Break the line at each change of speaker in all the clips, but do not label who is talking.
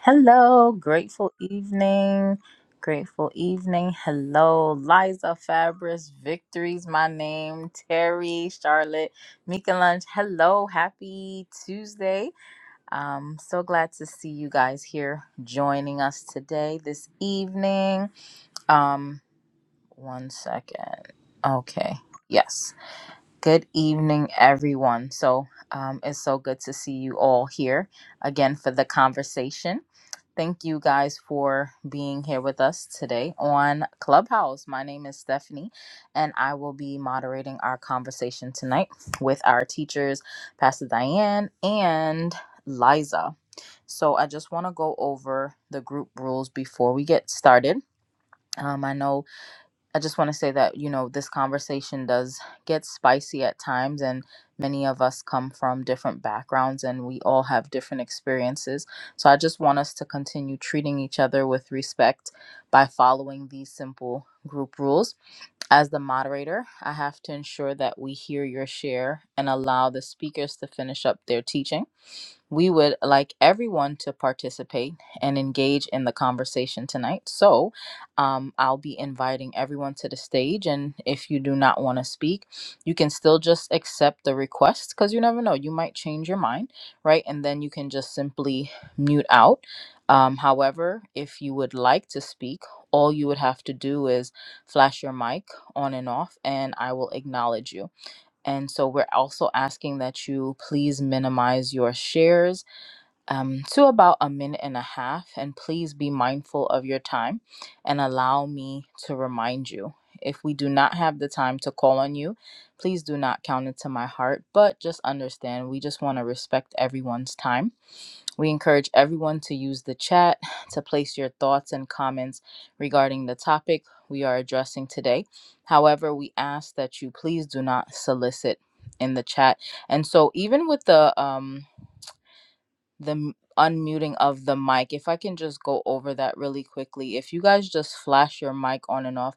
Hello, grateful evening. Grateful evening. Hello, Liza Fabris, Victory's my name, Terry, Charlotte, Mika Lunch. Hello, happy Tuesday. Um, so glad to see you guys here joining us today, this evening. Um, one second. Okay. Yes. Good evening, everyone. So um, it's so good to see you all here again for the conversation. Thank you guys for being here with us today on Clubhouse. My name is Stephanie, and I will be moderating our conversation tonight with our teachers, Pastor Diane and Liza. So, I just want to go over the group rules before we get started. Um, I know I just want to say that, you know, this conversation does get spicy at times, and many of us come from different backgrounds and we all have different experiences. So I just want us to continue treating each other with respect by following these simple group rules. As the moderator, I have to ensure that we hear your share and allow the speakers to finish up their teaching. We would like everyone to participate and engage in the conversation tonight. So um, I'll be inviting everyone to the stage. And if you do not want to speak, you can still just accept the request because you never know, you might change your mind, right? And then you can just simply mute out. Um, however, if you would like to speak, all you would have to do is flash your mic on and off, and I will acknowledge you. And so we're also asking that you please minimize your shares um, to about a minute and a half. And please be mindful of your time and allow me to remind you. If we do not have the time to call on you, please do not count it to my heart, but just understand we just want to respect everyone's time. We encourage everyone to use the chat to place your thoughts and comments regarding the topic we are addressing today. However, we ask that you please do not solicit in the chat. And so, even with the um, the m- unmuting of the mic. If I can just go over that really quickly. If you guys just flash your mic on and off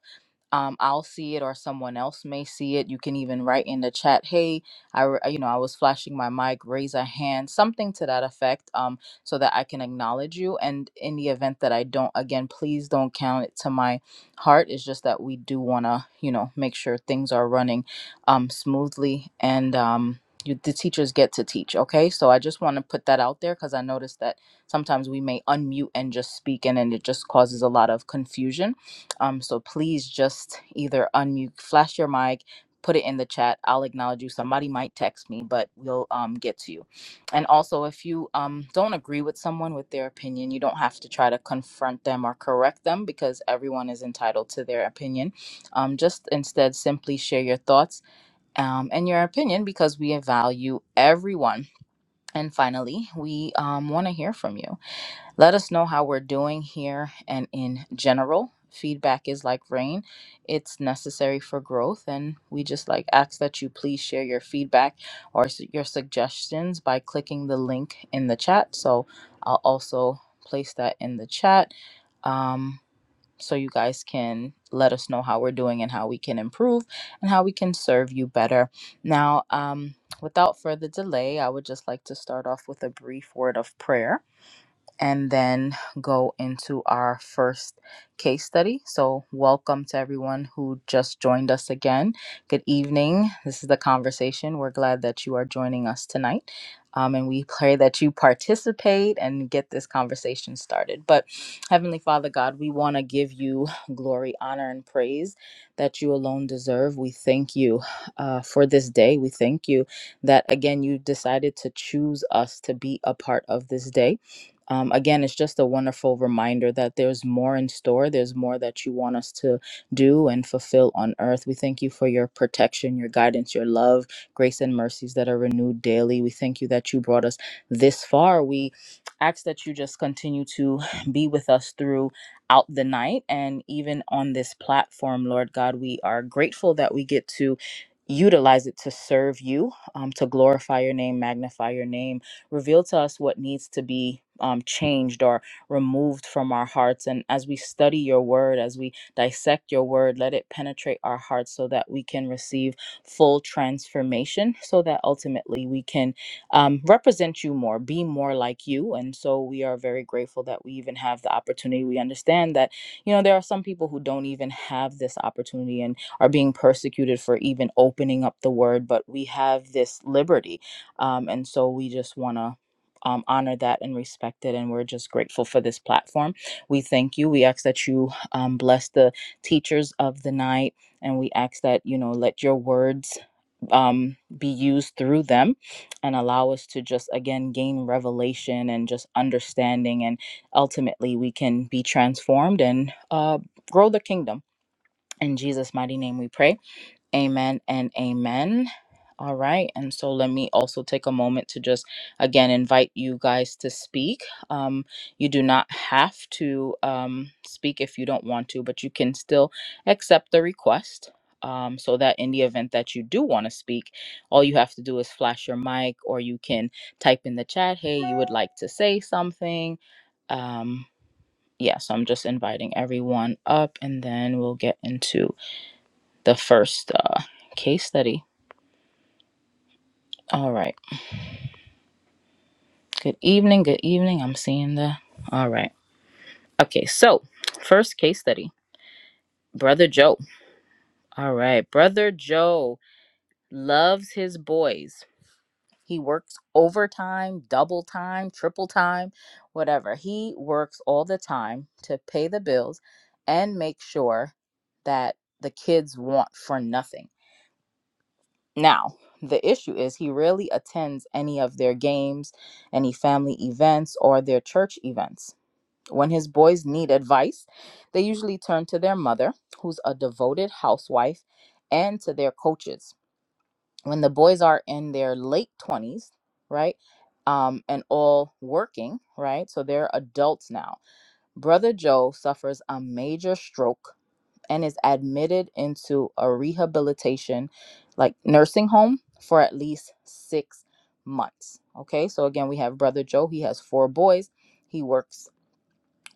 um, I'll see it or someone else may see it. You can even write in the chat, "Hey, I re- you know I was flashing my mic, raise a hand, something to that effect, um, so that I can acknowledge you." And in the event that I don't, again, please don't count it to my heart. It's just that we do want to, you know, make sure things are running um, smoothly and. Um, you, the teachers get to teach, okay? So I just want to put that out there because I noticed that sometimes we may unmute and just speak, and then it just causes a lot of confusion. Um, so please just either unmute, flash your mic, put it in the chat. I'll acknowledge you. Somebody might text me, but we'll um, get to you. And also, if you um, don't agree with someone with their opinion, you don't have to try to confront them or correct them because everyone is entitled to their opinion. Um, just instead, simply share your thoughts um, and your opinion because we value everyone. And finally, we um, want to hear from you. Let us know how we're doing here and in general. Feedback is like rain, it's necessary for growth. And we just like ask that you please share your feedback or s- your suggestions by clicking the link in the chat. So I'll also place that in the chat um, so you guys can let us know how we're doing and how we can improve and how we can serve you better. Now, um, without further delay, I would just like to start off with a brief word of prayer and then go into our first case study. So, welcome to everyone who just joined us again. Good evening. This is the conversation. We're glad that you are joining us tonight. Um, and we pray that you participate and get this conversation started. But, Heavenly Father God, we want to give you glory, honor, and praise that you alone deserve. We thank you uh, for this day. We thank you that, again, you decided to choose us to be a part of this day um, again, it's just a wonderful reminder that there's more in store. There's more that you want us to do and fulfill on earth. We thank you for your protection, your guidance, your love, grace, and mercies that are renewed daily. We thank you that you brought us this far. We ask that you just continue to be with us throughout the night and even on this platform, Lord God. We are grateful that we get to utilize it to serve you, um, to glorify your name, magnify your name reveal to us what needs to be um, changed or removed from our hearts. And as we study your word, as we dissect your word, let it penetrate our hearts so that we can receive full transformation, so that ultimately we can um, represent you more, be more like you. And so we are very grateful that we even have the opportunity. We understand that, you know, there are some people who don't even have this opportunity and are being persecuted for even opening up the word, but we have this liberty um, and so we just want to um, honor that and respect it. And we're just grateful for this platform. We thank you. We ask that you um, bless the teachers of the night. And we ask that, you know, let your words um, be used through them and allow us to just, again, gain revelation and just understanding. And ultimately, we can be transformed and uh, grow the kingdom. In Jesus' mighty name, we pray. Amen and amen. All right. And so let me also take a moment to just again invite you guys to speak. Um, you do not have to um, speak if you don't want to, but you can still accept the request. Um, so that in the event that you do want to speak, all you have to do is flash your mic or you can type in the chat, hey, you would like to say something. Um, yeah, so I'm just inviting everyone up and then we'll get into the first uh, case study. All right. Good evening. Good evening. I'm seeing the. All right. Okay. So, first case study Brother Joe. All right. Brother Joe loves his boys. He works overtime, double time, triple time, whatever. He works all the time to pay the bills and make sure that the kids want for nothing Now, the issue is he rarely attends any of their games, any family events, or their church events. When his boys need advice, they usually turn to their mother, who's a devoted housewife, and to their coaches. When the boys are in their late 20s, right, um, and all working, right, so they're adults now, Brother Joe suffers a major stroke and is admitted into a rehabilitation, like nursing home, for at least six months. Okay, so again, we have Brother Joe. He has four boys. He works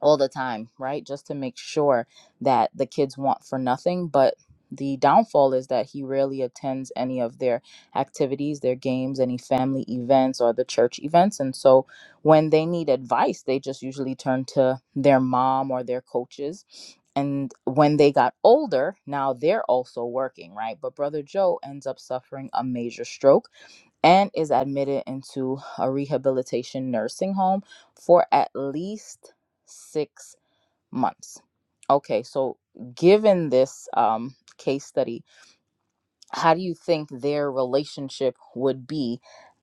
all the time, right? Just to make sure that the kids want for nothing. But the downfall is that he rarely attends any of their activities, their games, any family events, or the church events. And so when they need advice, they just usually turn to their mom or their coaches. And when they got older, now they're also working, right? But Brother Joe ends up suffering a major stroke and is admitted into a rehabilitation nursing home for at least six months. Okay, so given this um, case study, how do you think their relationship would be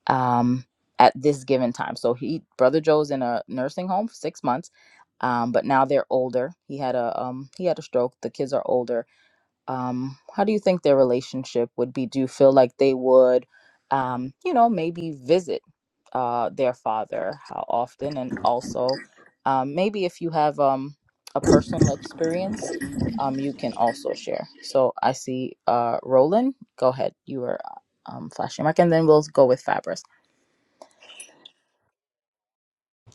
um, at this given time? So he, brother Joe's in a nursing home for six months, um, but now they're older. He had a um, he had a stroke. The kids are older um, how do you think their relationship would be? Do you feel like they would, um, you know, maybe visit uh, their father? How often? And also, um, maybe if you have um, a personal experience, um, you can also share. So I see uh, Roland. Go ahead. You were um, flashing mark, and then we'll go with Fabris.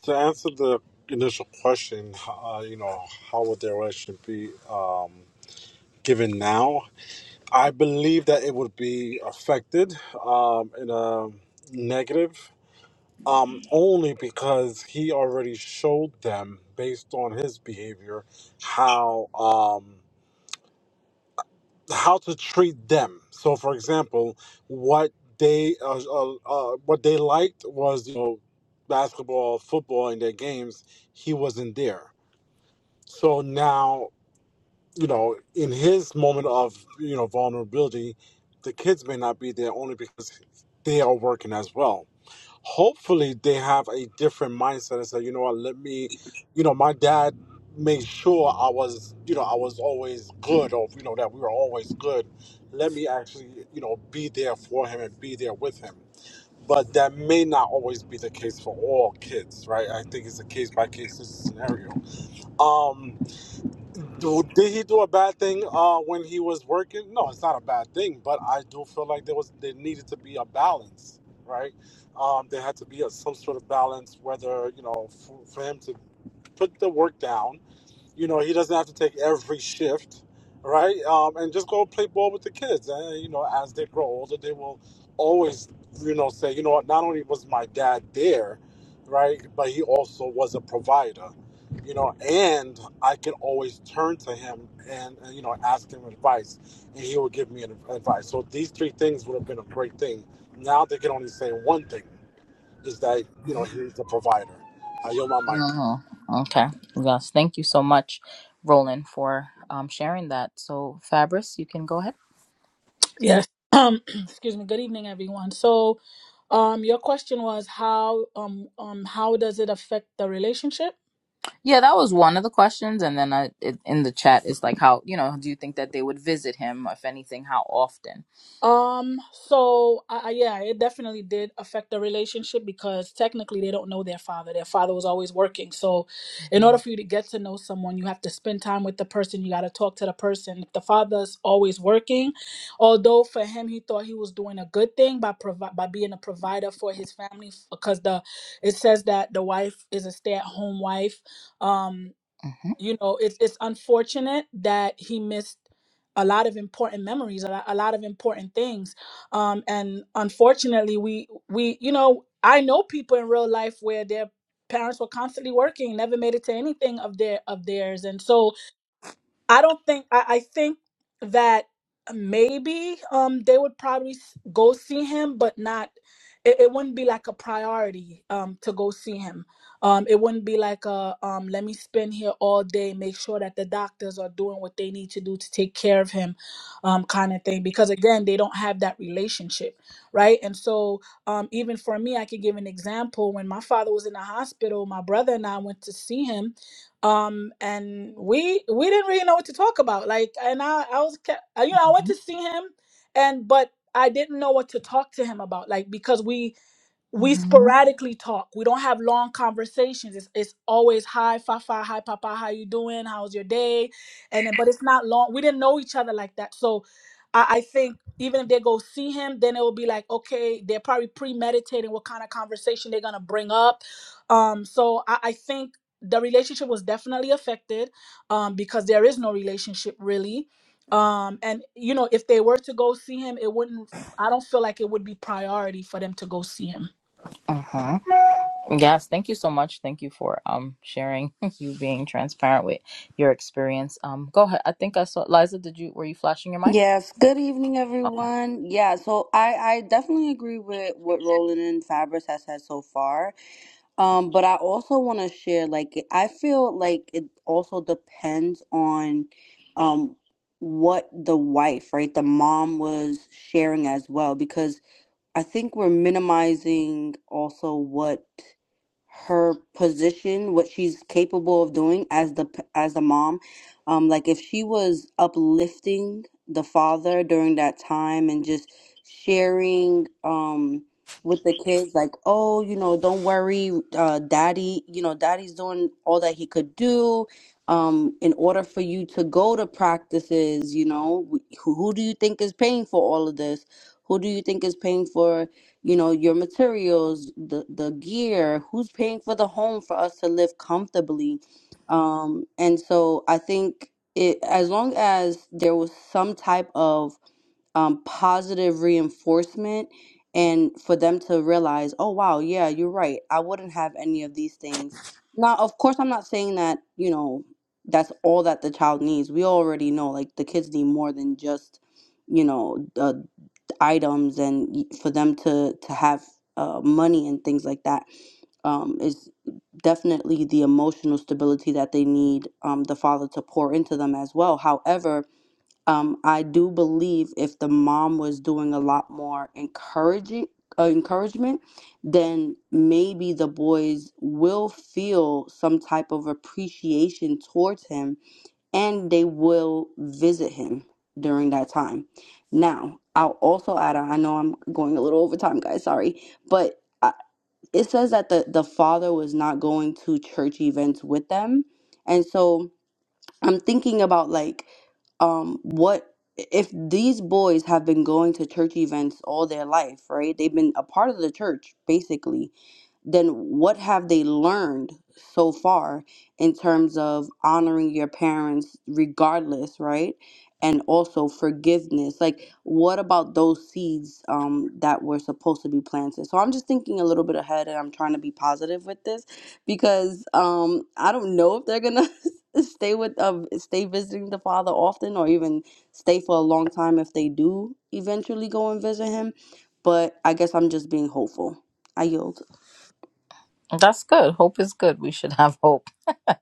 To answer the initial question, uh, you know, how would their relationship be um, given now? I believe that it would be affected um, in a negative, um, only because he already showed them, based on his behavior, how um, how to treat them. So, for example, what they uh, uh, uh, what they liked was you know basketball, football in their games. He wasn't there So now, you know, in his moment of, you know, vulnerability, the kids may not be there only because they are working as well. Hopefully they have a different mindset and say, you know what, let me you know, my dad made sure I was, you know, I was always good or you know, that we were always good. Let me actually, you know, be there for him and be there with him. But that may not always be the case for all kids, right? I think it's a case by case scenario. Um do- Did he do a bad thing uh, when he was working? No, it's not a bad thing, but I do feel like there was there needed to be a balance, right? Um, there had to be a, some sort of balance, whether you know, for, for him to put the work down you know, he doesn't have to take every shift, right? Um, and just go play ball with the kids. And you know, as they grow older, they will always, you know, say, you know what? Not only was my dad there, right, but he also was a provider. You know, and I can always turn to him and, and you know ask him advice, and he will give me an advice. So these three things would have been a great thing. Now they can only say one thing: is that you know he's the provider. I yield my mic.
Oh, okay. Yes. Thank you so much, Roland, for um, sharing that. So, Fabris, you can go ahead.
Yes. Um, excuse me. Good evening, everyone. So, um, your question was how um um how does it affect the relationship?
Yeah, that was one of the questions, and then I, it, in the chat is like, how you know, do you think that they would visit him, if anything, how often?
Um, so I, I, yeah, it definitely did affect the relationship because technically they don't know their father. Their father was always working. So, in
hmm
order for you to get to know someone, you have to spend time with the person. You got to talk to the person. If the father's always working, although for him he thought he was doing a good thing by provi- by being a provider for his family because the it says that the wife is a stay-at-home wife. Um
hmm
you know it's it's unfortunate that he missed a lot of important memories a lot, a lot of important things um and unfortunately we we you know i know people in real life where their parents were constantly working never made it to anything of their of theirs and so I don't think I, I think that maybe um they would probably s- go see him, but not it, it wouldn't be like a priority um to go see him. Um it wouldn't be like a um let me spend here all day, make sure that the doctors are doing what they need to do to take care of him, um kind of thing. Because again, they don't have that relationship, right? And so um even for me, I could give an example. When my father was in the hospital, my brother and I went to see him um and we we didn't really know what to talk about like and i i was ca- I- you know i went
hmm
to see him and but i didn't know what to talk to him about like because we we
hmm
sporadically talk. We don't have long conversations. It's, it's always hi, Fafa, hi, Papa, how you doing? How's your day? And then, but it's not long. We didn't know each other like that. So I, I think even if they go see him, then it will be like, okay, they're probably premeditating what kind of conversation they're going to bring up. Um, so I, I think the relationship was definitely affected um, because there is no relationship really. Um, and, you know, if they were to go see him, it wouldn't, I don't feel like it would be priority for them to go see him.
hmm Yes, thank you so much. Thank you for um sharing you being transparent with your experience. Um, go ahead. I think I saw Liza. Did you were you flashing your mic?
Yes, good evening, everyone. Yeah, so I, I definitely agree with what Roland and Fabris has said so far. Um, but I also want to share, like, I feel like it also depends on um what the wife, right, the mom was sharing as well, because I think we're minimizing also what her position, what she's capable of doing as the p- as a mom. Um, like if she was uplifting the father during that time and just sharing um with the kids, like, oh, you know, don't worry, uh, daddy, you know, daddy's doing all that he could do. Um, in order for you to go to practices, you know, wh- who, who do you think is paying for all of this? Who do you think is paying for, you know, your materials, the the gear? Who's paying for the home for us to live comfortably? Um, and so I think it, as long as there was some type of um, positive reinforcement, and for them to realize, oh wow, yeah, you're right. I wouldn't have any of these things. Now, of course, I'm not saying that, you know, that's all that the child needs. We already know, like the kids need more than just you know uh, items and y- for them to to have uh, money and things like that um, is definitely the emotional stability that they need um, the father to pour into them as well. However, um, I do believe if the mom was doing a lot more encouraging uh, encouragement, then maybe the boys will feel some type of appreciation towards him and they will visit him during that time. Now, I'll also add I know I'm going a little over time, guys, sorry, but uh, it says that the, the father was not going to church events with them. And so I'm thinking about like, um, what if these boys have been going to church events all their life, right? They've been a part of the church, basically then what have they learned so far in terms of honoring your parents regardless right and also forgiveness like what about those seeds um, that were supposed to be planted so i'm just thinking a little bit ahead and i'm trying to be positive with this because um, i don't know if they're gonna stay with uh, stay visiting the father often or even stay for a long time if they do eventually go and visit him but i guess i'm just being hopeful i yield
That's good. Hope is good. We should have hope. uh,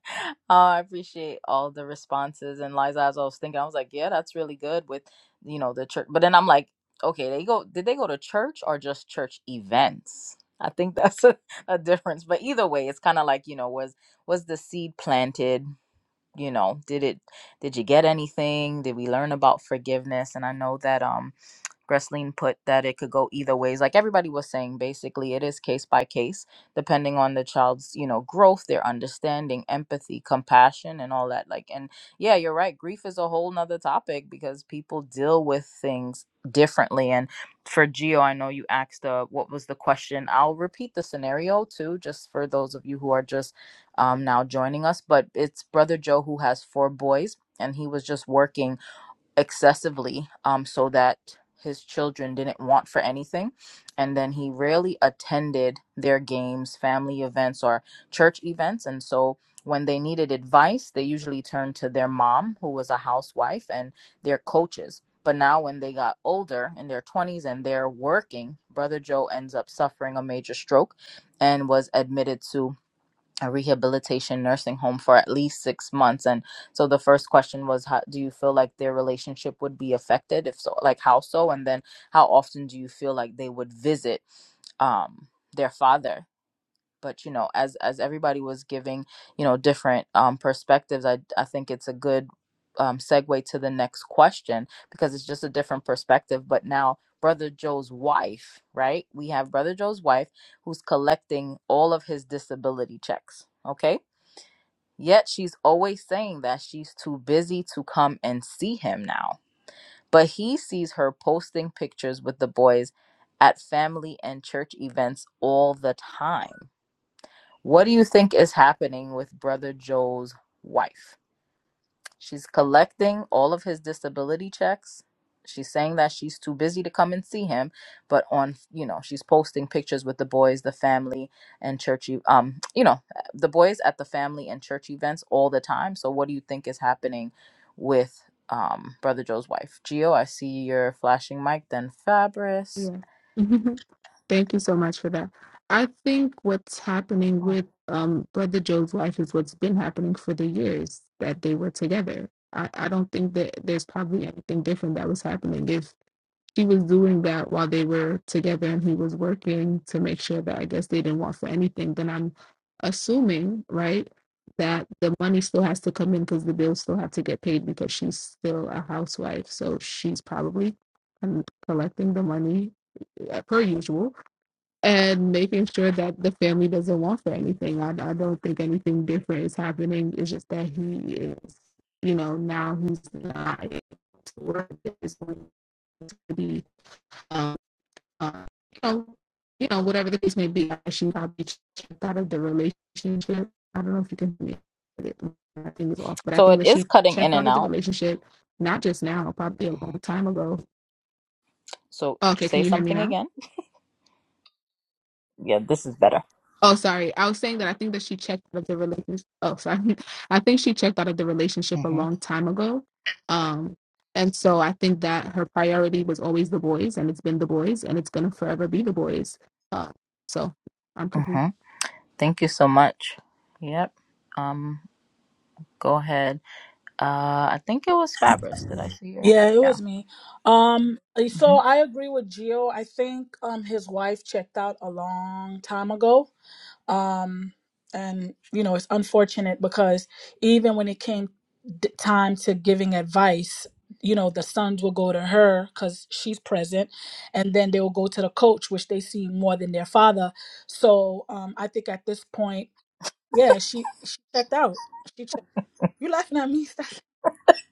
I appreciate all the responses and Liza. As I was thinking, I was like, yeah, that's really good with you know the church. But then I'm like, okay, they go. Did they go to church or just church events? I think that's a, a difference. But either way, it's kind of like you know, was was the seed planted? You know, did it? Did you get anything? Did we learn about forgiveness? And I know that um Gresleen put that it could go either ways. Like everybody was saying, basically, it is case by case, depending on the child's, you know, growth, their understanding, empathy, compassion, and all that. Like, and yeah, you're right. Grief is a whole nother topic because people deal with things differently. And for Geo, I know you asked uh, what was the question. I'll repeat the scenario too, just for those of you who are just um, now joining us. But it's Brother Joe who has four boys, and he was just working excessively um, so that his children didn't want for anything. And then he rarely attended their games, family events, or church events. And so when they needed advice, they usually turned to their mom, who was a housewife, and their coaches. But now, when they got older in their 20s and they're working, Brother Joe ends up suffering a major stroke and was admitted to a rehabilitation nursing home for at least six months. And so the first question was, how, do you feel like their relationship would be affected? If so, like how so? And then how often do you feel like they would visit um, their father? But you know, as as everybody was giving, you know, different um, perspectives, I I think it's a good um, segue to the next question because it's just a different perspective. But now, Brother Joe's wife, right? We have Brother Joe's wife who's collecting all of his disability checks. Okay Yet she's always saying that she's too busy to come and see him now. But he sees her posting pictures with the boys at family and church events all the time. What do you think is happening with Brother Joe's wife? She's collecting all of his disability checks. She's saying that she's too busy to come and see him, but on, you know, she's posting pictures with the boys, the family, and churchy, um, you know, the boys at the family and church events all the time. So, what do you think is happening with um, Brother Joe's wife? Gio, I see you're flashing mic, then Fabris.
Yeah. Mhm. Thank you so much for that. I think what's happening
Oh.
with um, Brother Joe's wife is what's been happening for the years that they were together. I, I don't think that there's probably anything different that was happening. If she was doing that while they were together and he was working to make sure that I guess they didn't want for anything, then I'm assuming, right, that the money still has to come in because the bills still have to get paid because she's still a housewife. So she's probably um, collecting the money uh, per usual, and making sure that the family doesn't want for anything. I, I don't think anything different is happening. It's just that he is, you know, now he's not able to work. It's going to be, um, uh, you know, you know, whatever the case may be. She probably checked out of the relationship. I don't know if you can hear me. I think it's off, but I
So,
think
it
that
is
she
cutting
checked
in
out
and
of the
out.
relationship, not just now, probably a long
Mhm.
time ago.
So,
Okay, can
say
you hear me
something
now?
again. Yeah, this is better.
Oh, sorry. I was saying that I think that she checked out of the relationship. Oh, sorry. I think she checked out of the relationship a
hmm
long time ago. Um, and so I think that her priority was always the boys, and it's been the boys, and it's gonna forever be the boys. Uh, so I'm complete.
Thank you so much. Yep. Um, go ahead. Uh, I think it was Fabrice. Did I see her?
Yeah, it
Yeah.
was me. Um, so
hmm
I agree with Gio. I think um his wife checked out a long time ago. um and you know it's unfortunate because even when it came d- time to giving advice you know the sons will go to her because she's present and then they will go to the coach which they see more than their father so um i think at this point yeah she she checked out she checked, you laughing at me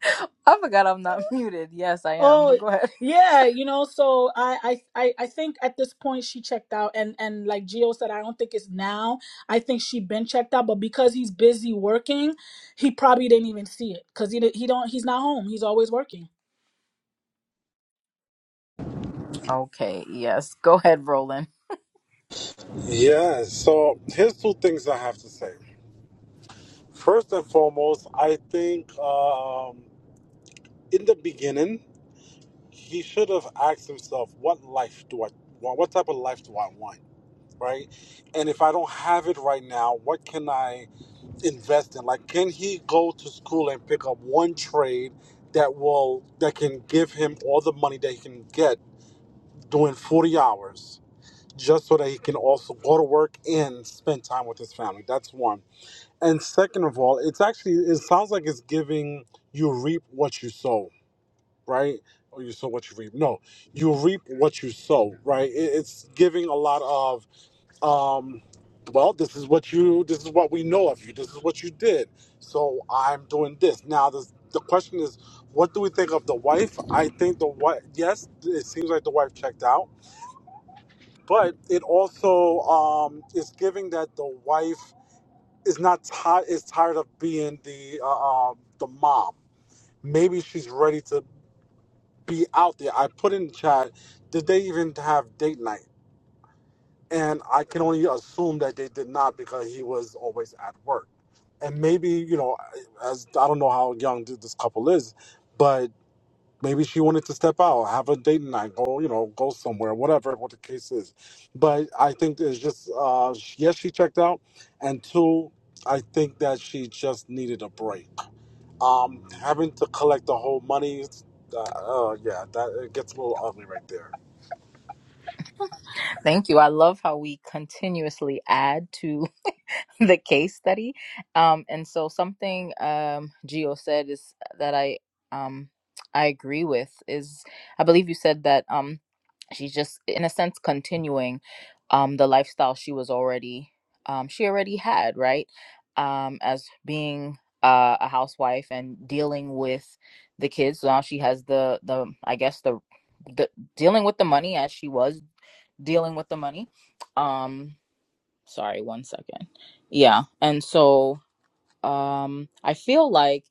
I forgot I'm not muted. Yes, I am,
Oh
but go ahead.
yeah, you know, so I, I I I think at this point she checked out and and like Gio said, I don't think it's now. I think she been checked out, but because he's busy working, he probably didn't even see it because he di- he don't he's not home. He's always working.
Okay. Yes. Go ahead, Roland.
Yeah, so here's two things I have to say. First and foremost, I think um, in the beginning, he should have asked himself, what life do I want? What type of life do I want? Right? And if I don't have it right now, what can I invest in? Like, can he go to school and pick up one trade that will, that can give him all the money that he can get doing 40 hours? Just so that he can also go to work and spend time with his family. That's one. And second of all, it's actually it sounds like it's giving you reap what you sow, right? Or you sow what you reap. No, you reap what you sow, right? It, it's giving a lot of um well, this is what you this is what we know of you. This is what you did. So I'm doing this. Now this, the question is what do we think of the wife? I think the wife yes, it seems like the wife checked out, but it also um is giving that the wife is not tired is tired of being the uh, um, the mom. Maybe she's ready to be out there. I put in the chat. Did they even have date night? And I can only assume that they did not because he was always at work. And maybe you know, as I don't know how young th- this couple is, but Maybe she wanted to step out, have a date night, go, you know, go somewhere, whatever, what the case is. But I think it's just, uh, sh- yes, she checked out. And two, I think that she just needed a break. Um, having to collect the whole money, uh, uh, yeah, that it gets a little ugly right there.
Thank you. I love how we continuously add to the case study. Um, and so something um, Gio said is uh, that I um, I agree with is I believe you said that um, she's just in a sense continuing um, the lifestyle she was already um, she already had right um, as being uh, a housewife and dealing with the kids. So now she has the the I guess the the dealing with the money as she was dealing with the money. Um, sorry one second yeah and so um i feel like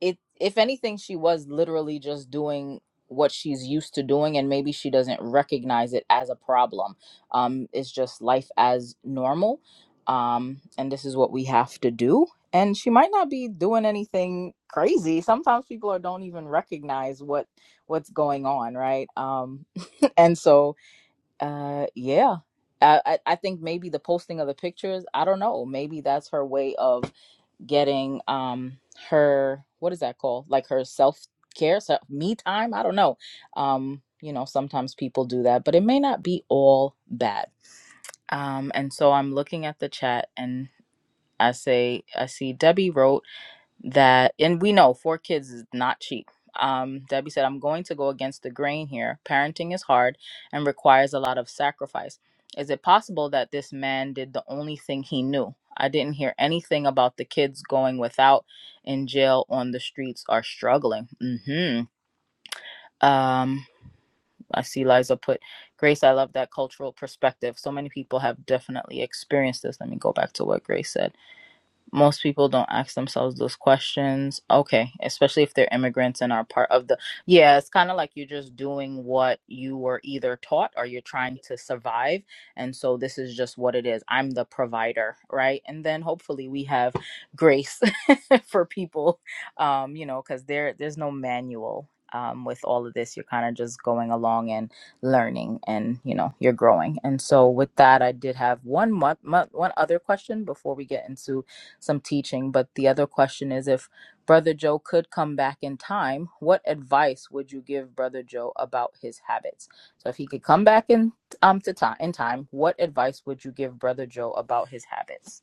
it if anything she was literally just doing what she's used to doing and maybe she doesn't recognize it as a problem um it's just life as normal um and this is what we have to do and she might not be doing anything crazy sometimes people are, don't even recognize what what's going on right um and so uh, yeah. I, I I think maybe the posting of the pictures, I don't know. Maybe that's her way of getting um her what is that called? Like her self care, self me time. I don't know. Um, you know, sometimes people do that, but it may not be all bad. Um, and so I'm looking at the chat and I say I see Debbie wrote that and we know four kids is not cheap um, debbie said i'm going to go against the grain here parenting is hard and requires a lot of sacrifice is it possible that this man did the only thing he knew i didn't hear anything about the kids going without in jail on the streets are struggling hmm um, i see liza put grace i love that cultural perspective so many people have definitely experienced this let me go back to what grace said most people don't ask themselves those questions okay especially if they're immigrants and are part of the yeah it's kind of like you're just doing what you were either taught or you're trying to survive and so this is just what it is i'm the provider right and then hopefully we have grace for people um you know because there there's no manual um, with all of this you're kind of just going along and learning and you know you're growing and so with that i did have one month one other question before we get into some teaching. But the other question is if Brother Joe could come back in time, what advice would you give Brother Joe about his habits? So if he could come back in um to time in time, what advice would you give Brother Joe about his habits?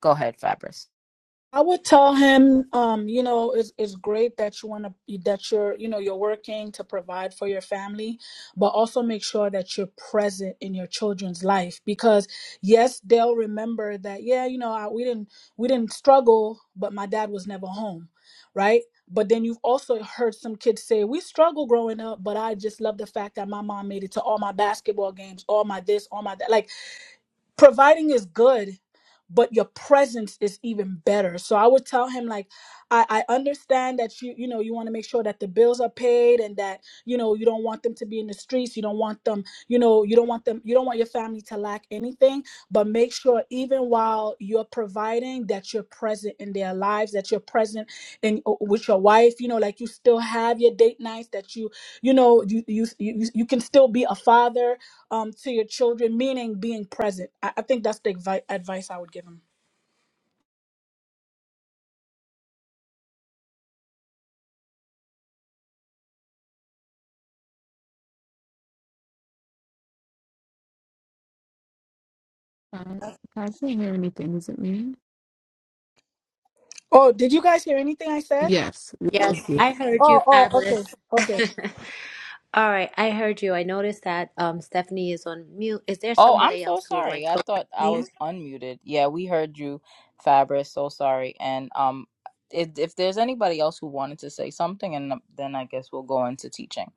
Go ahead, Fabrice.
I would tell him, um, you know, it's, it's great that you want to that you're, you know, you're working to provide for your family, but also make sure that you're present in your children's life because yes, they'll remember that. Yeah, you know, I, we didn't we didn't struggle, but my dad was never home, right? But then you've also heard some kids say, "We struggled growing up, but I just love the fact that my mom made it to all my basketball games, all my this, all my that." Like providing is good but your presence is even better so i would tell him like i, I understand that you you know you want to make sure that the bills are paid and that you know you don't want them to be in the streets you don't want them you know you don't want them you don't want your family to lack anything but make sure even while you're providing that you're present in their lives that you're present in uh, with your wife you know like you still have your date nights that you you know you you you, you can still be a father um, to your children, meaning being present. I, I think that's the advi- advice I would give him.
Uh, can I can't hear anything. Is it me?
Oh, did you guys hear anything I said?
Yes.
Yes, I heard you,
Oh, oh, okay,
fabulous.
okay.
All right, I heard you. I noticed that um, Stephanie is on mute. Is there
Oh, I'm
somebody
so
else who would like
sorry.
to
I
go?
thought I
Martine?
was unmuted. Yeah, we heard you, Fabrice. So sorry. And um if, if there's anybody else who wanted to say something and um, then I guess we'll go into teaching.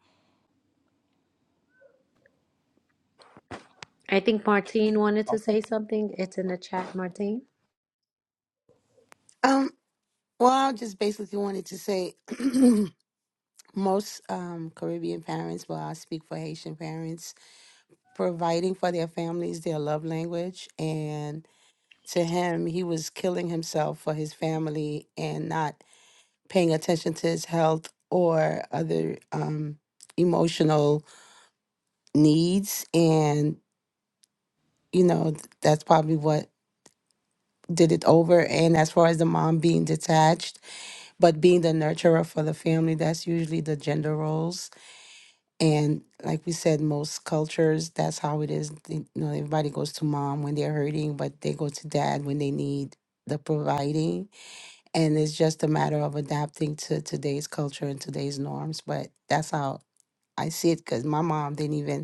I think Martine wanted to
Okay.
say something. It's in the chat, Martine.
Um, well, I just basically wanted to say most um, Caribbean parents, well, I speak for Haitian parents, providing for their families their love language. And to him, he was killing himself for his family and not paying attention to his health or other um, emotional needs. And, you know, th- that's probably what did it over. And as far as the mom being detached, but being the nurturer for the family that's usually the gender roles and like we said most cultures that's how it is They- you know everybody goes to mom when they're hurting but they go to dad when they need the providing and it's just a matter of adapting to today's culture and today's norms but that's how i see it because my mom didn't even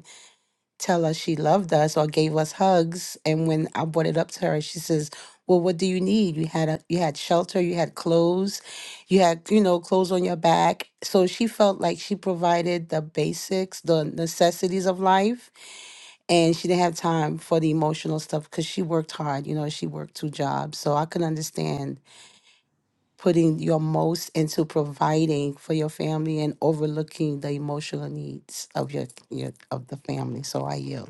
tell us she loved us or gave us hugs. And when I brought it up to her, she says, "Well, what do you need? You had a, you had shelter, you had clothes, you had you know clothes on your back." So she felt like she provided the basics, the necessities of life, and she didn't have time for the emotional stuff because she worked hard. You know, she worked two jobs, so I can understand putting your most into providing for your family and overlooking the emotional needs of your, your of the family. So I yield.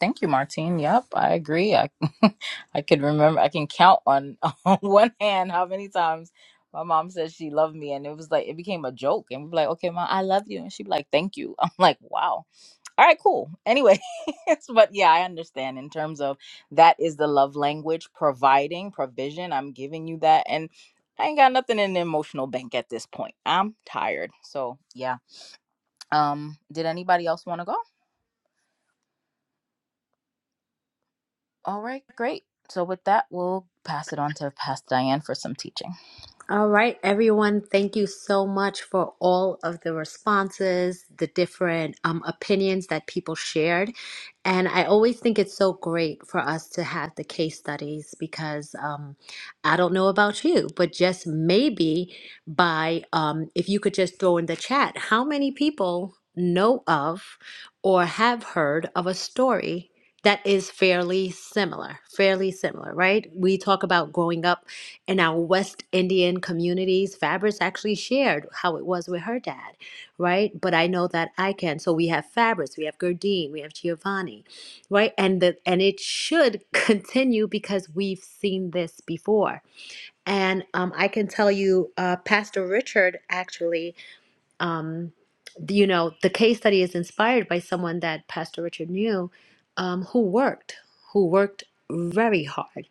Thank you, Martine. Yep, I agree. I I could remember. I can count on on one hand how many times my mom said she loved me, and it was like it became a joke. And we'd be like, "Okay, mom, I love you," and she'd be like, "Thank you." I'm like, "Wow, all right, cool." Anyway, it's- but yeah, I understand in terms of that is the love language, providing provision. I'm giving you that, and I ain't got nothing in the emotional bank at this point. I'm tired, so yeah. Um, did anybody else want to go? All right, great. So with that, we'll pass it on to Pastor Diane for some teaching.
All right, everyone, thank you so much for all of the responses, the different um, opinions that people shared. And I always think it's so great for us to have the case studies because um, I don't know about you, but just maybe by um, if you could just throw in the chat how many people know of or have heard of a story that is fairly similar, fairly similar, right? We talk about growing up in our West Indian communities, Fabrice actually shared how it was with her dad, right? But I know that I can. So we have Fabrice, we have Gurdine, we have Giovanni, right? And the and it should continue because we've seen this before. And um, I can tell you, uh, Pastor Richard actually, um, you know, the case study is inspired by someone that Pastor Richard knew, um, who worked, who worked very hard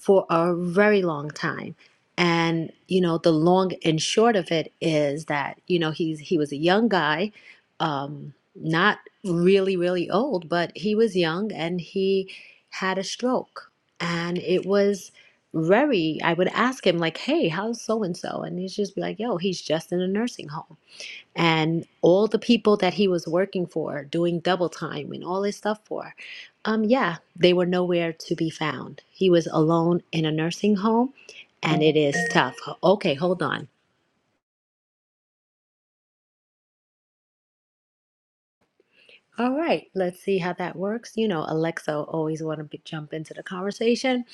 for a very long time. And you know, the long and short of it is that you know he's he was a young guy, um, not really really old, but he was young and he had a stroke, and it was very. I would ask him like, "Hey, how's so and so?" And he'd just be like, "Yo, he's just in a nursing home." and all the people that he was working for, doing double time and all this stuff for, um, yeah, they were nowhere to be found. He was alone in a nursing home, and it is tough. Okay, hold on. All right, let's see how that works. You know, Alexa always want to be, jump into the conversation.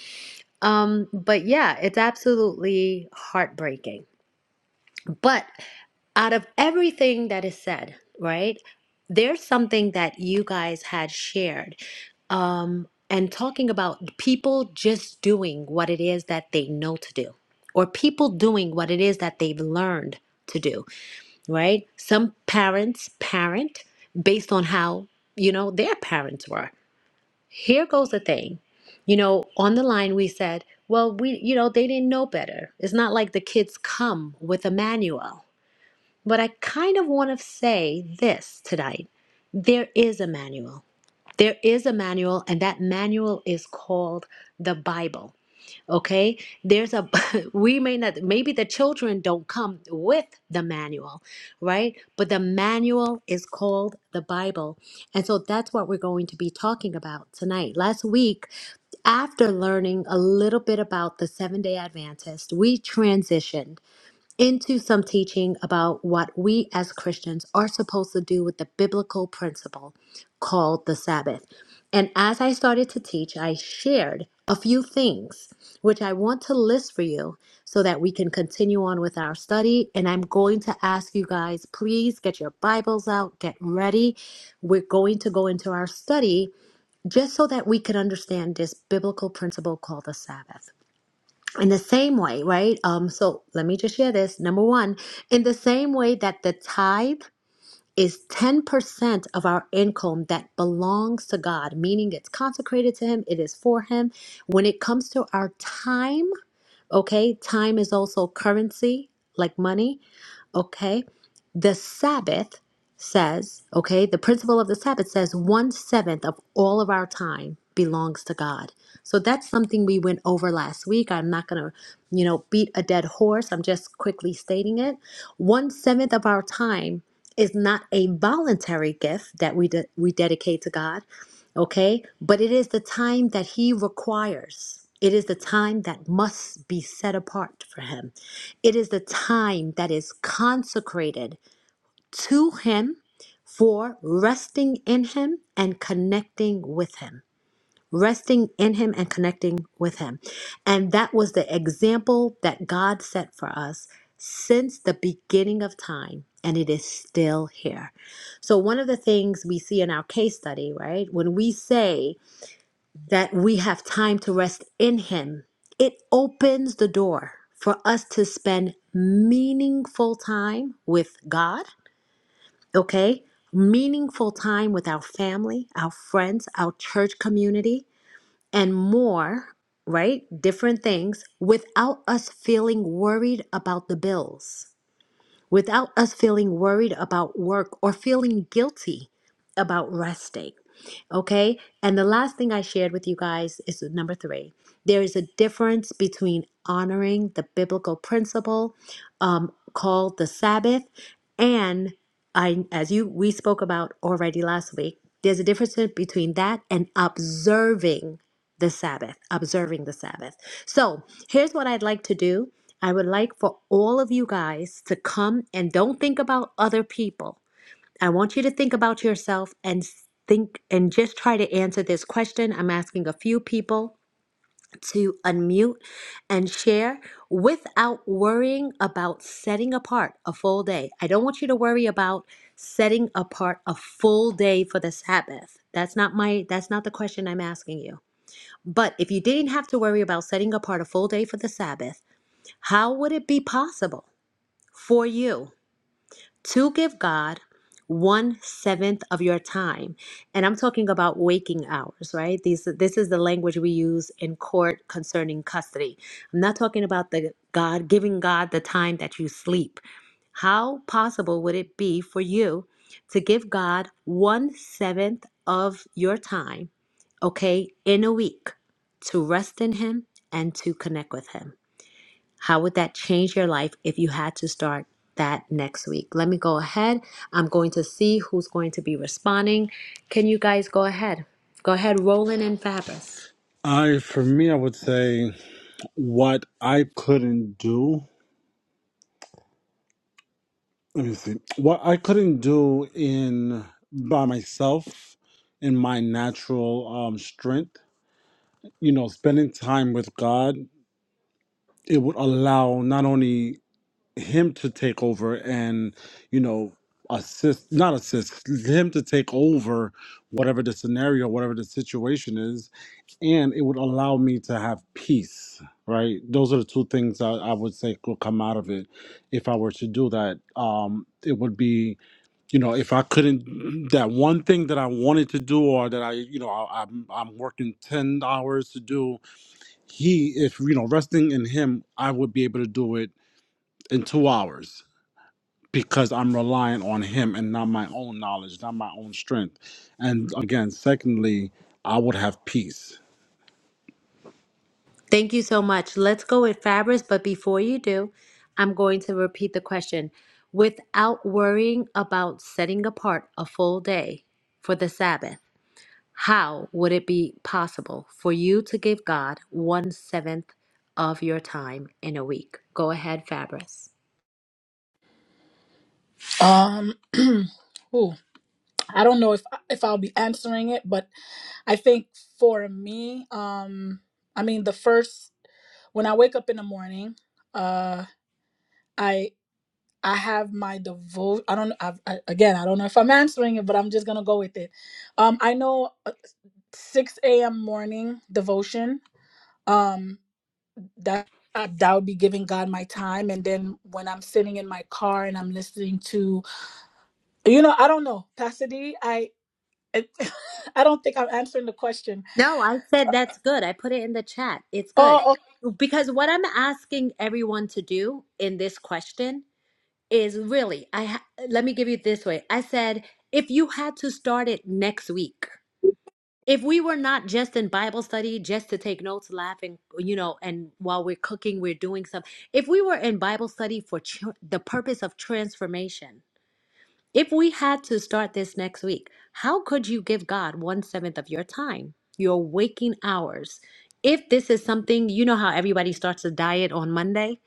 Um, but yeah, it's absolutely heartbreaking. But. out of everything that is said, right? There's something that you guys had shared. Um, and talking about people just doing what it is that they know to do, or people doing what it is that they've learned to do, right? Some parents parent based on how, you know, their parents were. Here goes the thing. You know, on the line we said, well, we, you know, they didn't know better. It's not like the kids come with a manual but I kind of want to say this tonight. There is a manual. There is a manual, and that manual is called the Bible. Okay? There's a, we may not, maybe the children don't come with the manual, right? But the manual is called the Bible. And so that's what we're going to be talking about tonight. Last week, after learning a little bit about the Seven Day Adventist, we transitioned into some teaching about what we as Christians are supposed to do with the biblical principle called the Sabbath. And as I started to teach, I shared a few things which I want to list for you so that we can continue on with our study. And I'm going to ask you guys, please get your Bibles out, get ready. We're going to go into our study just so that we can understand this biblical principle called the Sabbath in the same way, right? Um, so let me just share this. Number one, in the same way that the tithe is 10% of our income that belongs to God, meaning it's consecrated to Him, it is for Him. When it comes to our time, okay, time is also currency, like money Okay. The Sabbath says, okay, the principle of the Sabbath says one seventh of all of our time belongs to God. So that's something we went over last week. I'm not going to, you know, beat a dead horse. I'm just quickly stating it. One seventh of our time is not a voluntary gift that we, de- we dedicate to God okay? But it is the time that He requires. It is the time that must be set apart for Him. It is the time that is consecrated to Him for resting in Him and connecting with Him. Resting in Him and connecting with Him. And that was the example that God set for us since the beginning of time, and it is still here. So, one of the things we see in our case study, right, when we say, that we have time to rest in Him, it opens the door for us to spend meaningful time with God, okay? Meaningful time with our family, our friends, our church community, and more, right? Different things without us feeling worried about the bills without us feeling worried about work or feeling guilty about resting. Okay. And the last thing I shared with you guys is number three. There is a difference between honoring the biblical principle um, called the Sabbath and I, as you we spoke about already last week, there's a difference between that and observing the Sabbath, observing the Sabbath. So here's what I'd like to do. I would like for all of you guys to come and don't think about other people. I want you to think about yourself and think and just try to answer this question. I'm asking a few people to unmute and share without worrying about setting apart a full day. I don't want you to worry about setting apart a full day for the Sabbath. That's not my that's not the question I'm asking you. But if you didn't have to worry about setting apart a full day for the Sabbath, how would it be possible? for you to give God one seventh of your time. And I'm talking about waking hours, right? These this is the language we use in court concerning custody. I'm not talking about the God giving God the time that you sleep. How possible would it be for you to give God one seventh of your time, okay, in a week to rest in Him and to connect with Him? How would that change your life if you had to start that next week? Let me go ahead. I'm going to see who's going to be responding. Can you guys go ahead? Go ahead, Roland and Fabris.
I, for me, I would say what I couldn't do. Let me see. What I couldn't do in by myself in my natural um, strength. you know, spending time with God, it would allow not only Him to take over and, you know, assist, not assist, Him to take over whatever the scenario, whatever the situation is, and it would allow me to have peace, right? Those are the two things I, I would say could come out of it if I were to do that. Um, it would be, you know, if I couldn't, that one thing that I wanted to do or that I, you know, I, I'm, I'm working 10 hours to do he if you know resting in him i would be able to do it in two hours because i'm relying on him and not my own knowledge not my own strength and again secondly i would have peace
Thank you so much. Let's go with Fabris, but before you do, I'm going to repeat the question. Without worrying about setting apart a full day for the Sabbath, how would it be possible for you to give God one seventh of your time in a week? Go ahead, Fabris.
Um, ooh, I don't know if if I'll be answering it, but I think for me, um, I mean, the first when I wake up in the morning, uh, I I have my devotion. I don't. I've, I, again, I don't know if I'm answering it, but I'm just gonna go with it. Um, I know uh, 6 a.m. morning devotion. Um, that uh, that would be giving God my time. And then when I'm sitting in my car and I'm listening to, you know, I don't know, Pastor D, I it, I don't think I'm answering the question.
No, I said that's good. I put it in the chat. It's good.
Oh, okay.
Because what I'm asking everyone to do in this question is really, I ha let me give you this way. I said, if you had to start it next week, if we were not just in Bible study, just to take notes, laughing, you know, and while we're cooking, we're doing some, if we were in Bible study for tr the purpose of transformation, if we had to start this next week, how could you give God one seventh of your time, your waking hours? If this is something, you know how everybody starts a diet on Monday,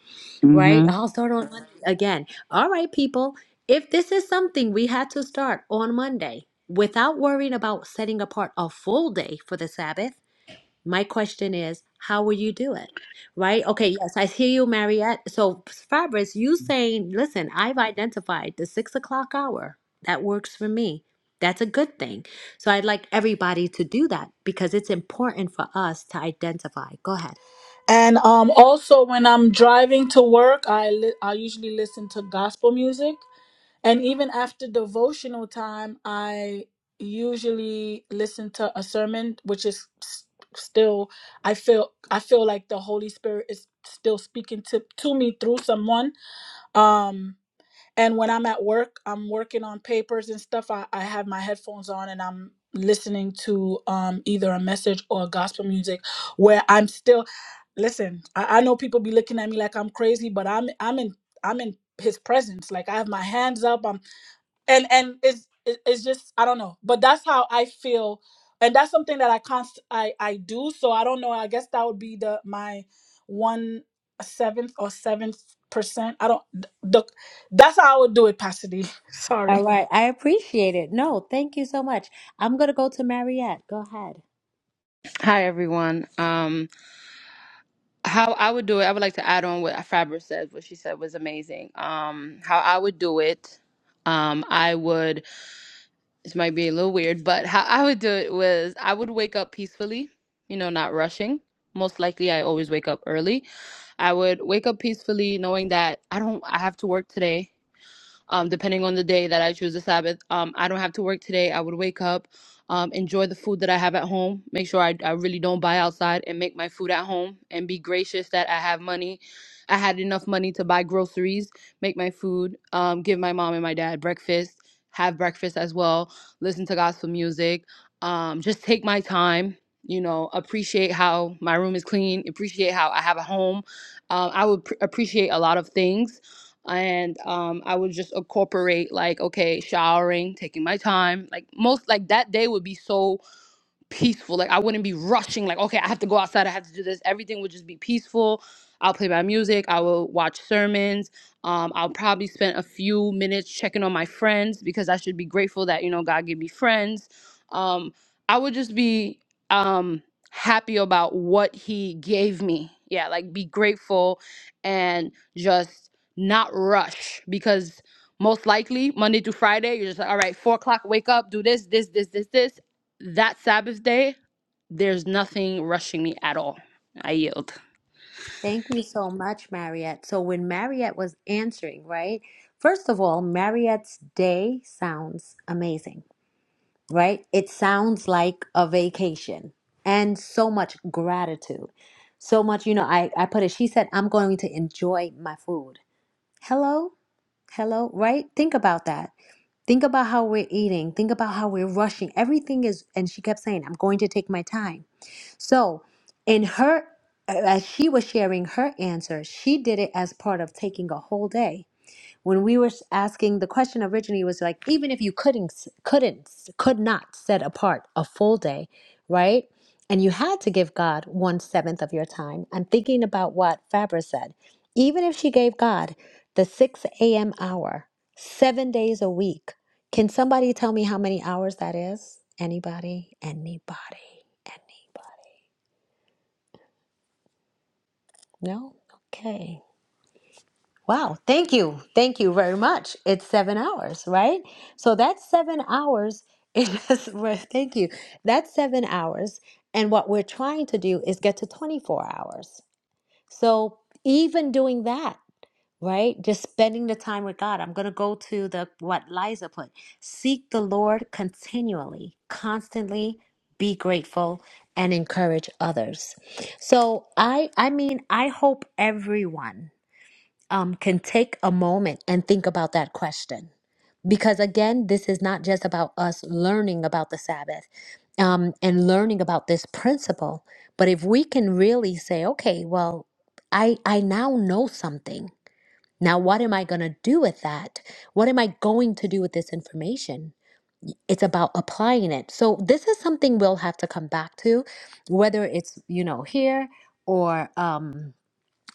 right?
hmm
I'll start on Monday again. All right, people, if this is something we had to start on Monday without worrying about setting apart a full day for the Sabbath, my question is, how will you do it? Right? Okay, yes, I hear you, Mariette. So, Fabrice, you saying, listen, I've identified the six o'clock hour. That works for me. That's a good thing. So, I'd like everybody to do that because it's important for us to identify. Go ahead.
and um, also when I'm driving to work, I li- I usually listen to gospel music, and even after devotional time, I usually listen to a sermon, which is s- still I feel I feel like the Holy Spirit is still speaking to to me through someone Um, and when I'm at work, I'm working on papers and stuff. I, I have my headphones on and I'm listening to um, either a message or gospel music where I'm still listen, I, I know people be looking at me like I'm crazy, but I'm I'm in I'm in his presence. Like I have my hands up. I'm and and it's it- it's just i don't know but that's how i feel and that's something that i const i i do so i don't know i guess that would be the my one seventh or seventh percent i don't th- the, that's how i would do it pastor d
All
sorry
right. I appreciate it. No, thank you so much. I'm going to go to Mariette. Go ahead.
Hi everyone. Um, how I would do it, I would like to add on what Fabra said. What she said was amazing. Um, how I would do it, um, I would. This might be a little weird, but how I would do it was I would wake up peacefully. You know, not rushing. Most likely, I always wake up early. I would wake up peacefully, knowing that I don't. I have to work today um, depending on the day that I choose the Sabbath. Um, I don't have to work today. I would wake up, um, enjoy the food that I have at home, make sure I, I really don't buy outside and make my food at home and be gracious that I have money. I had enough money to buy groceries, make my food, um, give my mom and my dad breakfast, have breakfast as well, listen to gospel music, um, just take my time. You know, appreciate how my room is clean, appreciate how I have a home. Um, I would pr- appreciate a lot of things and um, I would just incorporate like okay, showering, taking my time. Like most, like that day would be so peaceful. Like I wouldn't be rushing. Like okay, I have to go outside. I have to do this. Everything would just be peaceful. I'll play my music. I will watch sermons. Um, I'll probably spend a few minutes checking on my friends because I should be grateful that you know God gave me friends. Um, I would just be um, happy about what He gave me. Yeah, like be grateful and just not rush because most likely Monday through Friday you're just like all right four o'clock wake up do this this this this this that Sabbath day, there's nothing rushing me at all. I yield.
Thank you so much, Mariette. So, when Mariette was answering, right? First of all, Mariette's day sounds amazing. right? It sounds like a vacation and so much gratitude. So much, you know, I, I put it, she said, I'm going to enjoy my food. Hello? Hello, right? Think about that. Think about how we're eating. Think about how we're rushing. Everything is, and she kept saying, I'm going to take my time. So, in her, as she was sharing her answer, she did it as part of taking a whole day when we were asking the question originally was like even if you couldn't couldn't could not set apart a full day right and you had to give god one seventh of your time i'm thinking about what fabra said even if she gave god the 6 a.m hour seven days a week can somebody tell me how many hours that is anybody anybody anybody no okay Wow, thank you. Thank you very much. It's seven hours, right? So that's seven hours. It is, well, thank you. That's seven hours. And what we're trying to do is get to 24 hours. So even doing that, right? Just spending the time with God. I'm going to go to the what Liza put. Seek the Lord continually, constantly be grateful and encourage others. So I I mean, I hope everyone um, can take a moment and think about that question. Because again, this is not just about us learning about the Sabbath um, and learning about this principle, but if we can really say, okay, well, I, I now know something. Now, what am I going to do with that? What am I going to do with this information? It's about applying it. So, this is something we'll have to come back to, whether it's, you know, here or. Um,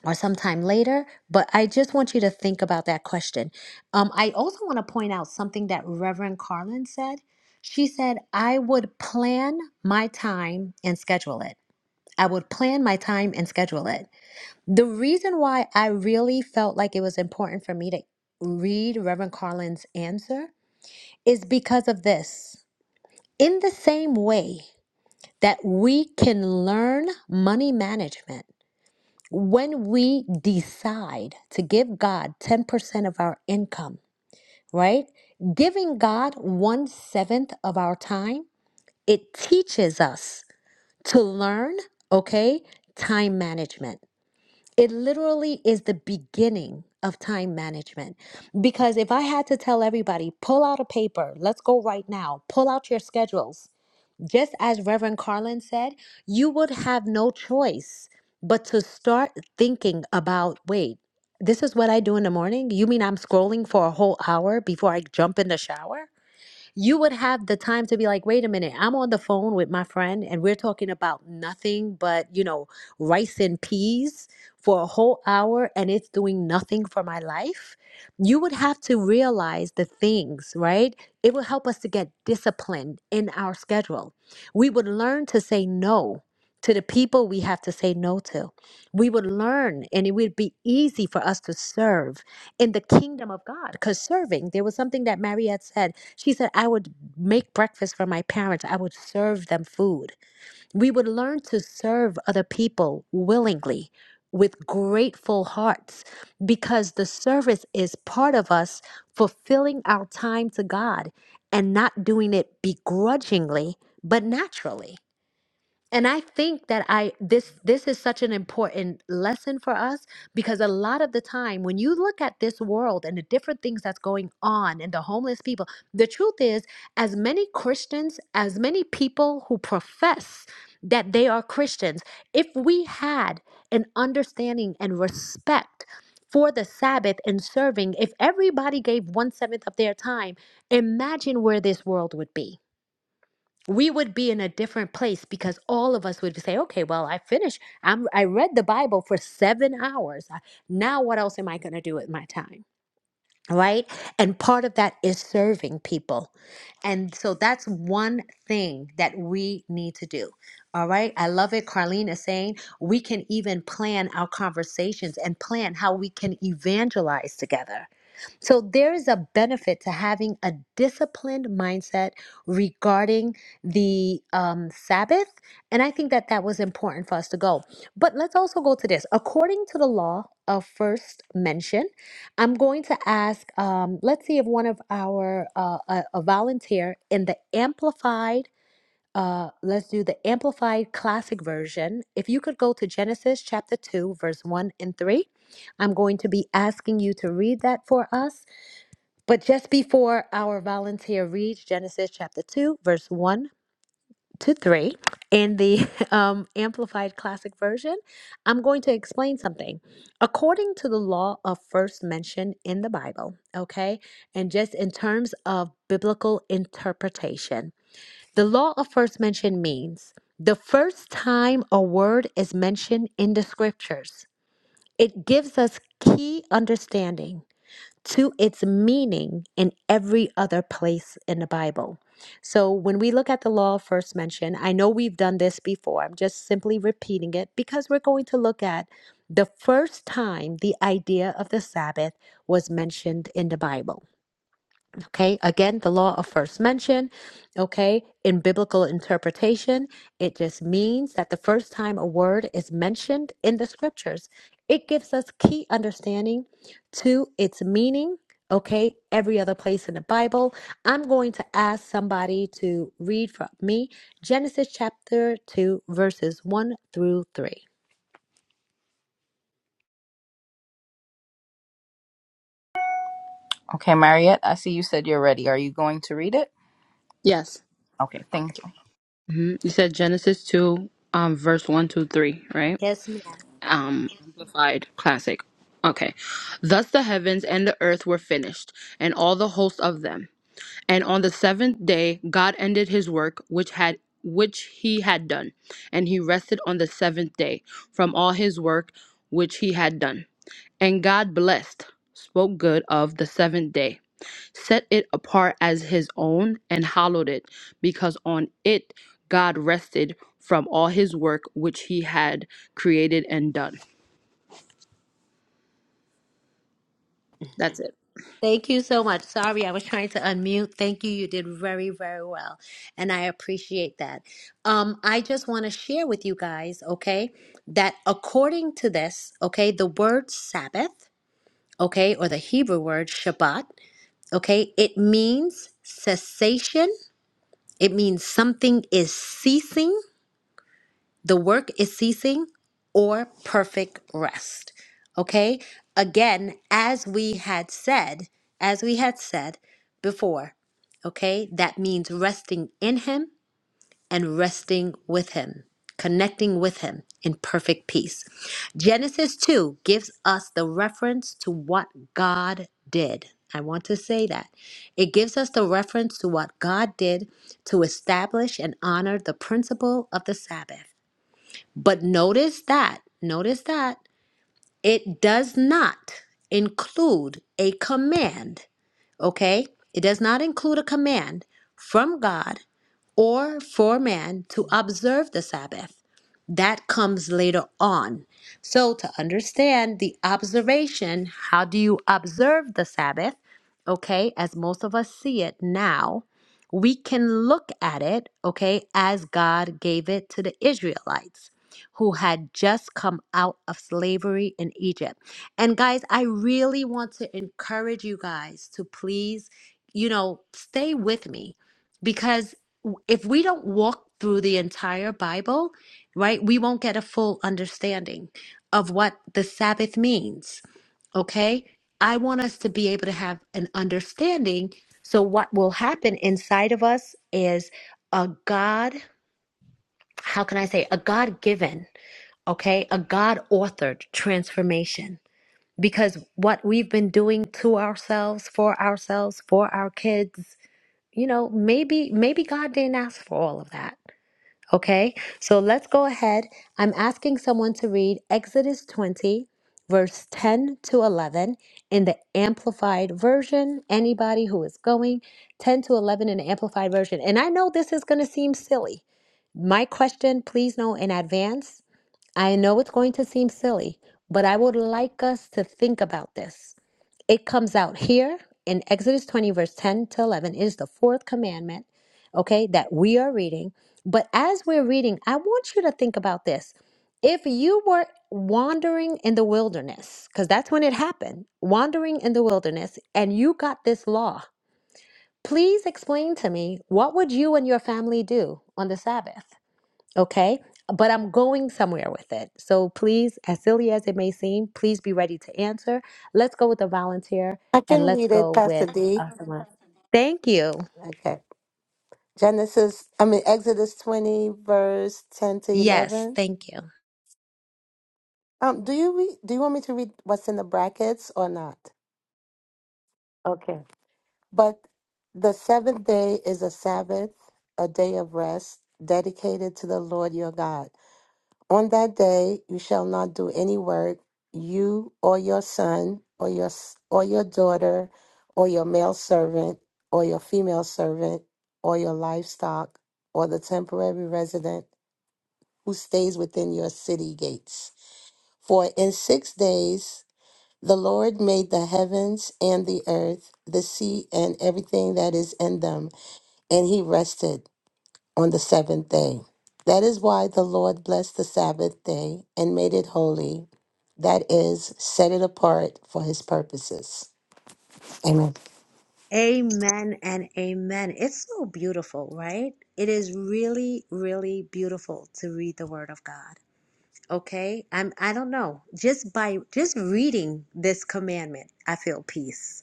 or sometime later, but I just want you to think about that question. Um, I also want to point out something that Reverend Carlin said. She said, I would plan my time and schedule it. I would plan my time and schedule it. The reason why I really felt like it was important for me to read Reverend Carlin's answer is because of this. In the same way that we can learn money management, when we decide to give God 10% of our income, right? Giving God one seventh of our time, it teaches us to learn, okay, time management. It literally is the beginning of time management. Because if I had to tell everybody, pull out a paper, let's go right now, pull out your schedules, just as Reverend Carlin said, you would have no choice but to start thinking about wait, this is what I do in the morning? You mean I'm scrolling for a whole hour before I jump in the shower? you would have the time to be like, wait a minute, I'm on the phone with my friend and we're talking about nothing but, you know, rice and peas for a whole hour and it's doing nothing for my life. You would have to realize the things, right? It will help us to get disciplined in our schedule. We would learn to say no to the people we have to say no to. We would learn and it would be easy for us to serve in the kingdom of God. Because serving, there was something that Mariette said. She said, I would make breakfast for my parents. I would serve them food. We would learn to serve other people willingly with grateful hearts because the service is part of us fulfilling our time to God and not doing it begrudgingly, but naturally and i think that i this this is such an important lesson for us because a lot of the time when you look at this world and the different things that's going on and the homeless people the truth is as many christians as many people who profess that they are christians if we had an understanding and respect for the Sabbath and serving, if everybody gave one seventh of their time, imagine where this world would be we would be in a different place because all of us would say okay well i finished i'm i read the bible for 7 hours now what else am i going to do with my time right and part of that is serving people and so that's one thing that we need to do all right i love it carlene is saying we can even plan our conversations and plan how we can evangelize together so there is a benefit to having a disciplined mindset regarding the um, Sabbath, and I think that that was important for us to go. But let's also go to this. According to the law of first mention, I'm going to ask. Um, let's see if one of our uh, a, a volunteer in the amplified. Uh, let's do the amplified classic version. If you could go to Genesis chapter 2, verse 1 and 3, I'm going to be asking you to read that for us but just before our volunteer reads Genesis chapter 2, verse 1 to 3 in the um, Amplified Classic Version, I'm going to explain something. According to the law of first mention in the Bible, okay, and just in terms of biblical interpretation, the law of first mention means the first time a word is mentioned in the scriptures, it gives us key understanding to its meaning in every other place in the Bible. So when we look at the law first mentioned, I know we've done this before. I'm just simply repeating it because we're going to look at the first time the idea of the Sabbath was mentioned in the Bible. Okay, again, the law of first mention, okay, in biblical interpretation, it just means that the first time a word is mentioned in the scriptures, it gives us key understanding to its meaning, okay, every other place in the Bible. I'm going to ask somebody to read for me Genesis chapter 2, verses 1 through 3.
Okay, Mariette, I see you said you're ready. Are you going to read it?
Yes.
Okay, thank you.
hmm You said Genesis 2, um, verse one, 2, 3, right?
Yes, ma'am.
Um, amplified classic. Okay. Thus the heavens and the earth were finished, and all the host of them. And on the seventh day God ended his work which had which he had done, and he rested on the seventh day from all his work which he had done. And God blessed, spoke good of the seventh day set it apart as his own and hallowed it, because on it God rested from all his work which he had created and done. That's it.
Thank you so much. Sorry, I was trying to unmute. Thank you. You did very, very well. And I appreciate that. Um, I just want to share with you guys, okay, that according to this, okay, the word Sabbath, okay, or the Hebrew word Shabbat, okay, it means cessation. It means something is ceasing the work is ceasing or perfect rest. Okay? Again, as we had said, as we had said before, okay, that means resting in Him and resting with Him, connecting with Him in perfect peace. Genesis 2 gives us the reference to what God did. I want to say that. It gives us the reference to what God did to establish and honor the principle of the Sabbath. But notice that, notice that it does not include a command, okay? It does not include a command from God or for man to observe the Sabbath. That comes later on. So, to understand the observation, how do you observe the Sabbath? Okay, as most of us see it now, we can look at it, okay, as God gave it to the Israelites who had just come out of slavery in Egypt. And guys, I really want to encourage you guys to please, you know, stay with me because if we don't walk through the entire Bible, right, we won't get a full understanding of what the Sabbath means, okay? I want us to be able to have an understanding. So, what will happen inside of us is a God, how can I say, a God given okay? A God authored transformation. Because what we've been doing to ourselves, for ourselves, for our kids, you know, maybe maybe God didn't ask for all of that. Okay? So let's go ahead. I'm asking someone to read Exodus 20 verse 10 to 11 in the amplified version. Anybody who is going 10 to 11 in the amplified version. And I know this is going to seem silly. My question, please know in advance I know it's going to seem silly, but I would like us to think about this. It comes out here in Exodus 20, verse 10 to 11. It is the fourth commandment, okay, that we are reading. But as we're reading, I want you to think about this. If you were wandering in the wilderness, because that's when it happened, wandering in the wilderness, and you got this law, please explain to me what would you and your family do on the Sabbath? okay? But I'm going somewhere with it. So please, as silly as it may seem, please be ready to answer. Let's go with a volunteer
I
and
can
let's
read
go
it, Pastor
with
D.
uh, someone. Thank you.
Okay. Genesis, I mean Exodus 20, verse 10 to
Yes,
11.
thank you.
Um, do you read, do you want me to read what's in the brackets or not? Okay. But the seventh day is a Sabbath, a day of rest dedicated to the Lord your God. On that day you shall not do any work, you or your son or your s- or your daughter or your male servant or your female servant or your livestock or the temporary resident who stays within your city gates. For in 6 days the Lord made the heavens and the earth, the sea and everything that is in them, and he rested on the seventh day. That is why the Lord blessed the Sabbath day and made it holy. That is, set it apart for his purposes. Amen.
Amen and amen. It's so beautiful, right? It is really, really beautiful to read the word of God. Okay? I'm I don't know. Just by just reading this commandment, I feel peace.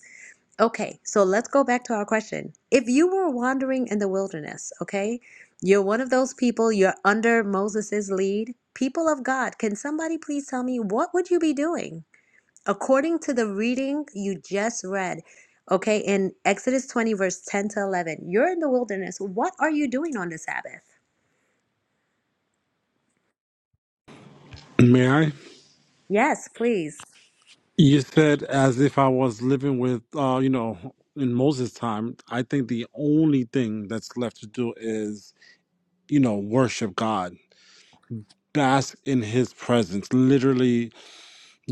Okay, so let's go back to our question. If you were wandering in the wilderness, okay, you're one of those people, you're under Moses's lead. People of God, can somebody please tell me what would you be doing? According to the reading you just read, okay, in Exodus 20, verse 10 to 11, you're in the wilderness. What are you doing on the Sabbath?
may i
Yes, please.
you said as if i was living with uh you know in moses time i think the only thing that's left to do is you know worship god bask in his presence literally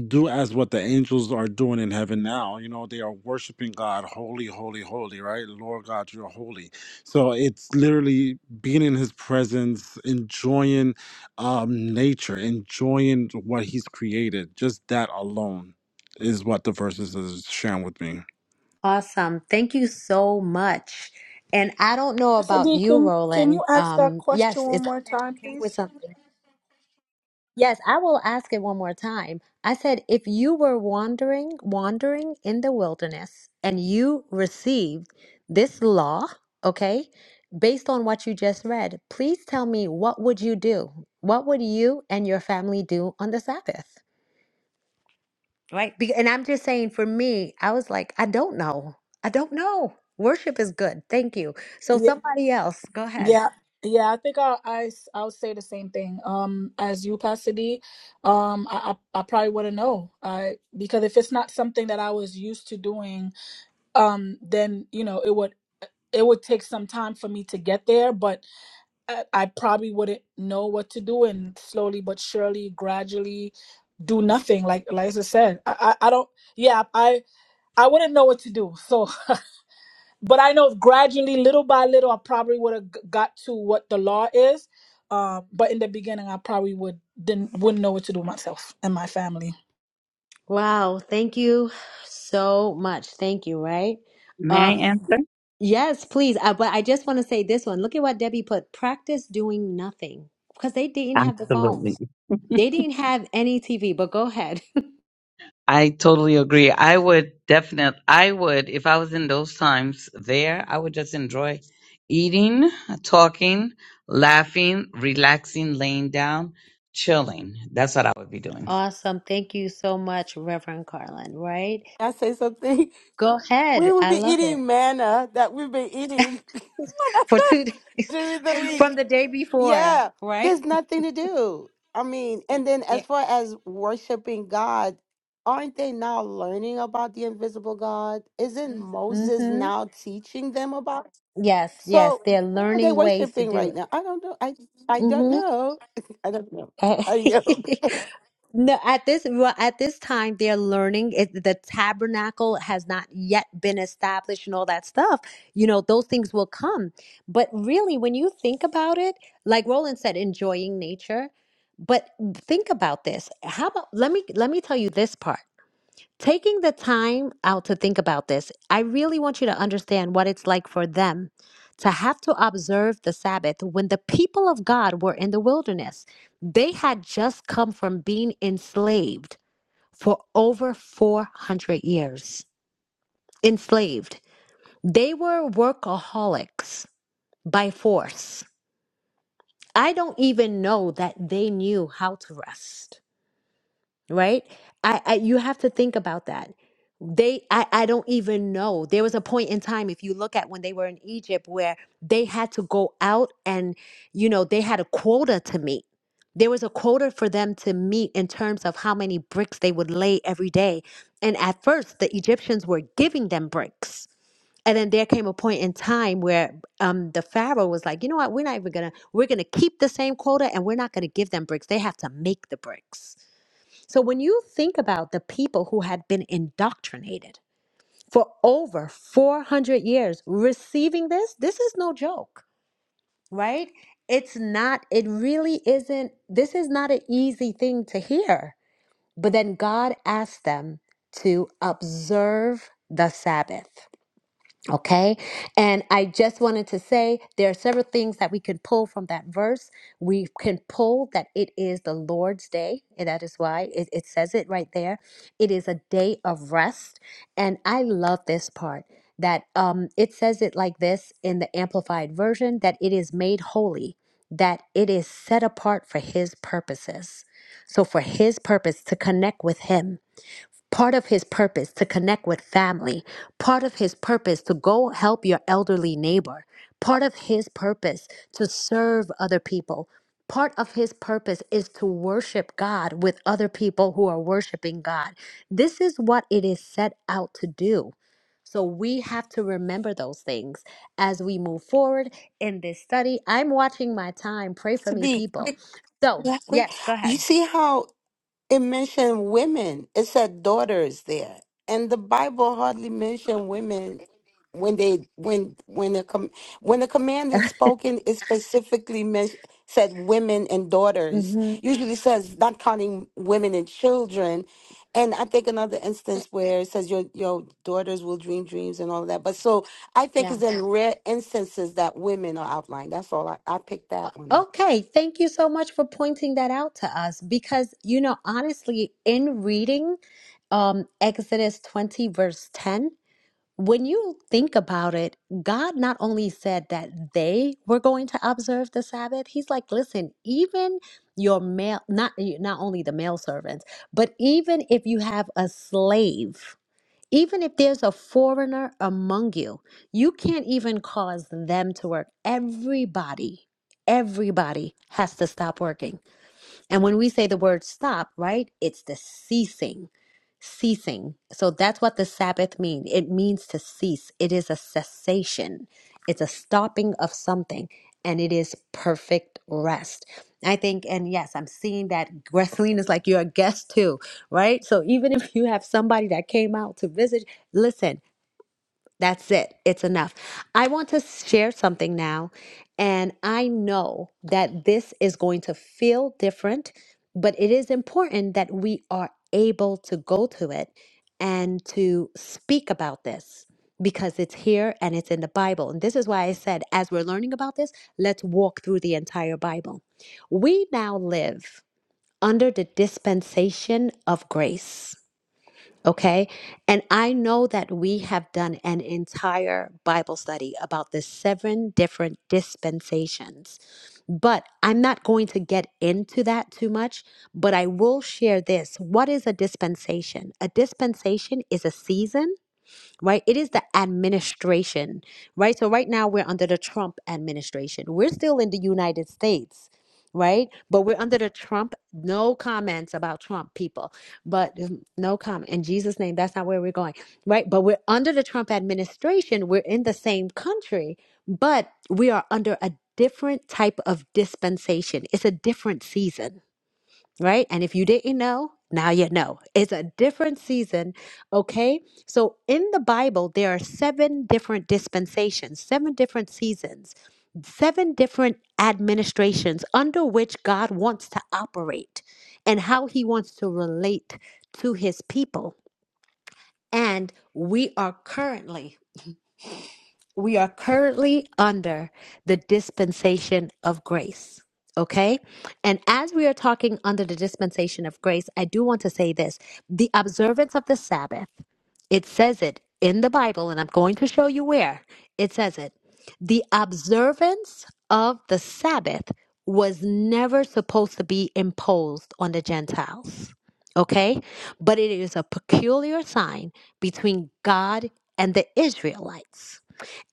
do as what the angels are doing in heaven now. You know, they are worshiping God, holy, holy, holy, right? Lord God, you're holy. So it's literally being in his presence, enjoying um, nature, enjoying what he's created. Just that alone is what the verses is sharing with me.
Awesome. Thank you so much. And I don't know
pastor
about
d
you,
can can you
Roland.
ask that
Um,
question
yes,
one
it's
more
good that you
time
came with
please
something. Yes, I will ask it one more time. I said, if you were wandering, wandering in the wilderness, and you received this law, okay, based on what you just read, please tell me what would you do? What would you and your family do on the Sabbath? Right. Be- And I'm just saying, for me, I was like, I don't know. I don't know. Worship is good. Thank you. So,
yeah
somebody else, go ahead.
yeah yeah, I think I, I s- I would say the same thing. Um, as you, Pastor D, um, I I, I probably wouldn't know. I because if it's not something that I was used to doing, um then you know it would it would take some time for me to get there but I, I probably wouldn't know what to do and slowly but surely gradually do nothing like like I said I, I I don't yeah I I wouldn't know what to do so but I know gradually little by little I probably would have g- got to what the law is um but in the beginning I probably would didn't wouldn't know what to do myself and my family
Wow, thank you so much. Thank you, right?
May I
Um,
answer?
Yes, please. Uh, but I just want to say this one. Look at what Debbie put. Practice doing nothing because they didn't have the phones.
Absolutely.
They didn't have any TV, but go ahead.
I totally agree. I would definitely, I would, if I was in those times there, I would just enjoy eating, talking, laughing, relaxing, laying down, chilling. That's what I would be doing.
Awesome. Thank you so much, Reverend Carlin, right?
I say something?
Go
We
ahead.
will
I
be
love it.
eating manna that we've been eating
For two days
during the week.
from the day before,
Yeah,
right?
there's nothing to do. I mean, and then
Yeah.
as far as worshiping God, aren't they now learning about the invisible God? Isn't Mhm. Moses
Mm-hmm.
now teaching them about?
Yes, yes.
So
They're
who are they
learning ways to
worshiping
do
right now? I don't know. I I don't
it.
know. I don't know.
Uh,
I know.
No, at this well, at this time they're learning. It, the tabernacle has not yet been established and all that stuff. You know, those things will come. But really, when you think about it, like Roland said, enjoying nature. But think about this. How about let me let me tell you this part. Taking the time out to think about this, I really want you to understand what it's like for them to have to observe the Sabbath when the people of God were in the wilderness. They had just come from being enslaved for over 400 years. Enslaved. They were workaholics by force. I don't even know that they knew how to rest. right i, I you have to think about that they I, I don't even know there was a point in time if you look at when they were in egypt where they had to go out and you know they had a quota to meet there was a quota for them to meet in terms of how many bricks they would lay every day and at first the egyptians were giving them bricks and then there came a point in time where um, the pharaoh was like you know what we're not even gonna we're gonna keep the same quota and we're not gonna give them bricks they have to make the bricks so when you think about the people who had been indoctrinated for over 400 years receiving this, this is no joke, right? It's not, it really isn't, this is not an easy thing to hear. But then God asked them to observe the Sabbath. Okay. And I just wanted to say there are several things that we can pull from that verse. We can pull that it is the Lord's day. And that is why it, it says it right there. It is a day of rest. And I love this part that um, it says it like this in the Amplified Version that it is made holy, that it is set apart for His purposes. So, for His purpose to connect with Him. Part of his purpose to connect with family, part of his purpose to go help your elderly neighbor, part of his purpose to serve other people, part of his purpose is to worship God with other people who are worshiping God. This is what it is set out to do. So we have to remember those things as we move forward in this study. I'm watching my time. Pray for
To
me,
be
people.
quick,
So,
yeah, quick.
yes, go
You
ahead.
see how? It mentioned women. It said daughters there, and the Bible hardly mentioned women when they when when the com- when the command is spoken. It specifically men- said women and daughters.
hmm
Usually says not counting women and children. And I think another instance where it says your your daughters will dream dreams and all of that. But so I think it's in rare instances that women are outlined. That's all I, I picked that one up.
Okay, thank you so much for pointing that out to us because, you know, honestly, in reading um, Exodus 20, verse 10, when you think about it, God not only said that they were going to observe the Sabbath, He's like, listen, even your male, not not only the male servants, but even if you have a slave, even if there's a foreigner among you, you can't even cause them to work. Everybody, everybody has to stop working. And when we say the word stop, right, it's the ceasing ceasing. So that's what the Sabbath means. It means to cease. It is a cessation. It's a stopping of something and it is perfect rest. I think, and yes, I'm seeing that wrestling is like you're a guest too, right? So even if you have somebody that came out to visit, listen, that's it. It's enough. I want to share something now, and I know that this is going to feel different, but it is important that we are able to go to it and to speak about this because it's here and it's in the Bible. And this is why I said, as we're learning about this, let's walk through the entire Bible. We now live under the dispensation of grace. Okay. And I know that we have done an entire Bible study about the seven different dispensations, but I'm not going to get into that too much. But I will share this. What is a dispensation? A dispensation is a season right? It is the administration, right? So right now we're under the Trump administration. We're still in the United States, right? But we're under the Trump. No comments about Trump, people. But mm, no comment in Jesus' name. That's not where we're going, right? But we're under the Trump administration. We're in the same country, but we are under a different type of dispensation. It's a different season right? And if you didn't know, now you know. It's a different season, okay? So in the Bible, there are seven different dispensations, seven different seasons, seven different administrations under which God wants to operate and how he wants to relate to his people. And we are currently we are currently under the dispensation of grace. Okay. And as we are talking under the dispensation of grace, I do want to say this the observance of the Sabbath, it says it in the Bible, and I'm going to show you where it says it. The observance of the Sabbath was never supposed to be imposed on the Gentiles. Okay. But it is a peculiar sign between God and the Israelites.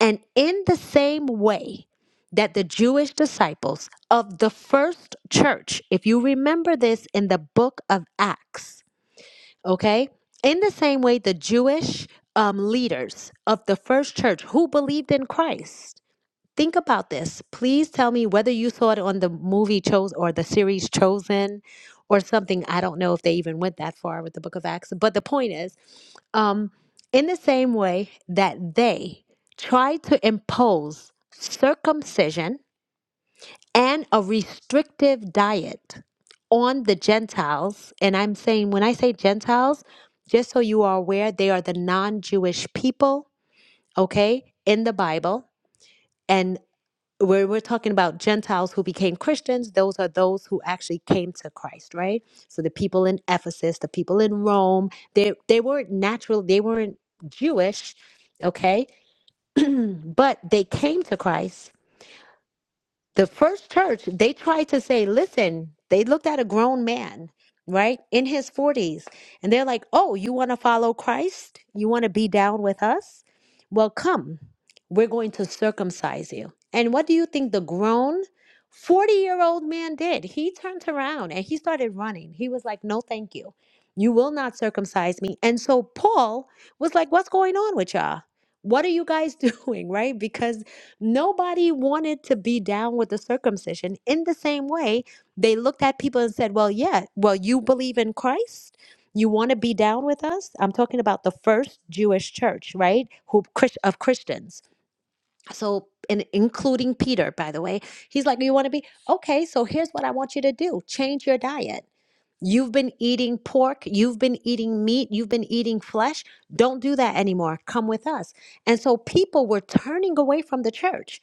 And in the same way that the Jewish disciples of the first church, if you remember this in the book of Acts, okay, in the same way the Jewish um, leaders of the first church who believed in Christ, think about this. Please tell me whether you saw it on the movie Chosen or the series Chosen or something. I don't know if they even went that far with the book of Acts, but the point is um, in the same way that they try to impose circumcision and a restrictive diet on the Gentiles, and I'm saying when I say Gentiles, just so you are aware, they are the non Jewish people, okay, in the Bible. and where we're talking about Gentiles who became Christians, those are those who actually came to Christ, right? So the people in Ephesus, the people in Rome, they they weren't natural, they weren't Jewish, okay? but they came to Christ the first church, they tried to say, listen, they looked at a grown man, right, in his 40s, and they're like, oh, you want to follow Christ? You want to be down with us? Well, come, we're going to circumcise you. And what do you think the grown 40 year old man did? He turned around and he started running. He was like, no, thank you. You will not circumcise me. And so Paul was like, what's going on with y'all? What are you guys doing, right? Because Nobody wanted to be down with the circumcision. In the same way, they looked at people and said, Well, yeah, well, you believe in Christ? You want to be down with us? I'm talking about the first Jewish church, right? Who Chris- of Christians. So, and including Peter, by the way, he's like, You want to be? Okay, so here's what I want you to do change your diet. You've been eating pork, you've been eating meat, you've been eating flesh. Don't do that anymore. Come with us. And so people were turning away from the church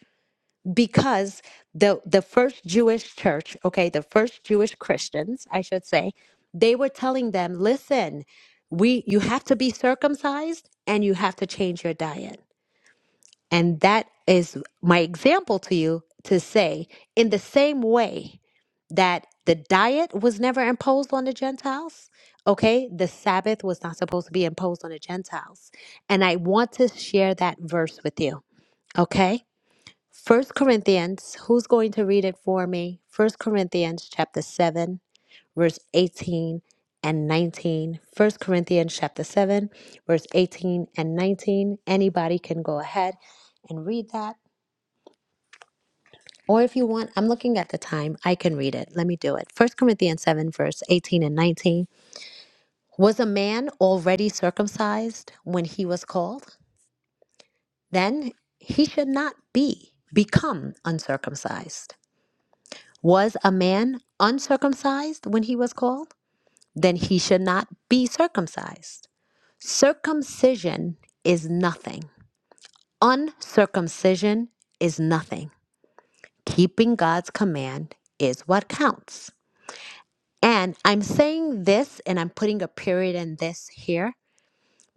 because the the first Jewish church, okay, the first Jewish Christians, I should say, they were telling them, listen, we you have to be circumcised and you have to change your diet. And that is my example to you to say in the same way that the diet was never imposed on the Gentiles, okay? The Sabbath was not supposed to be imposed on the Gentiles. And I want to share that verse with you, okay? First Corinthians, who's going to read it for me? First Corinthians chapter 7, verse 18 and 19. First Corinthians chapter 7, verse 18 and 19. Anybody can go ahead and read that. Or if you want, I'm looking at the time. I can read it. Let me do it. First Corinthians 7, verse 18 and 19. Was a man already circumcised when he was called? Then he should not be become uncircumcised. Was a man uncircumcised when he was called? Then he should not be circumcised. Circumcision is nothing. Uncircumcision is nothing. Keeping God's command is what counts. And I'm saying this and I'm putting a period in this here,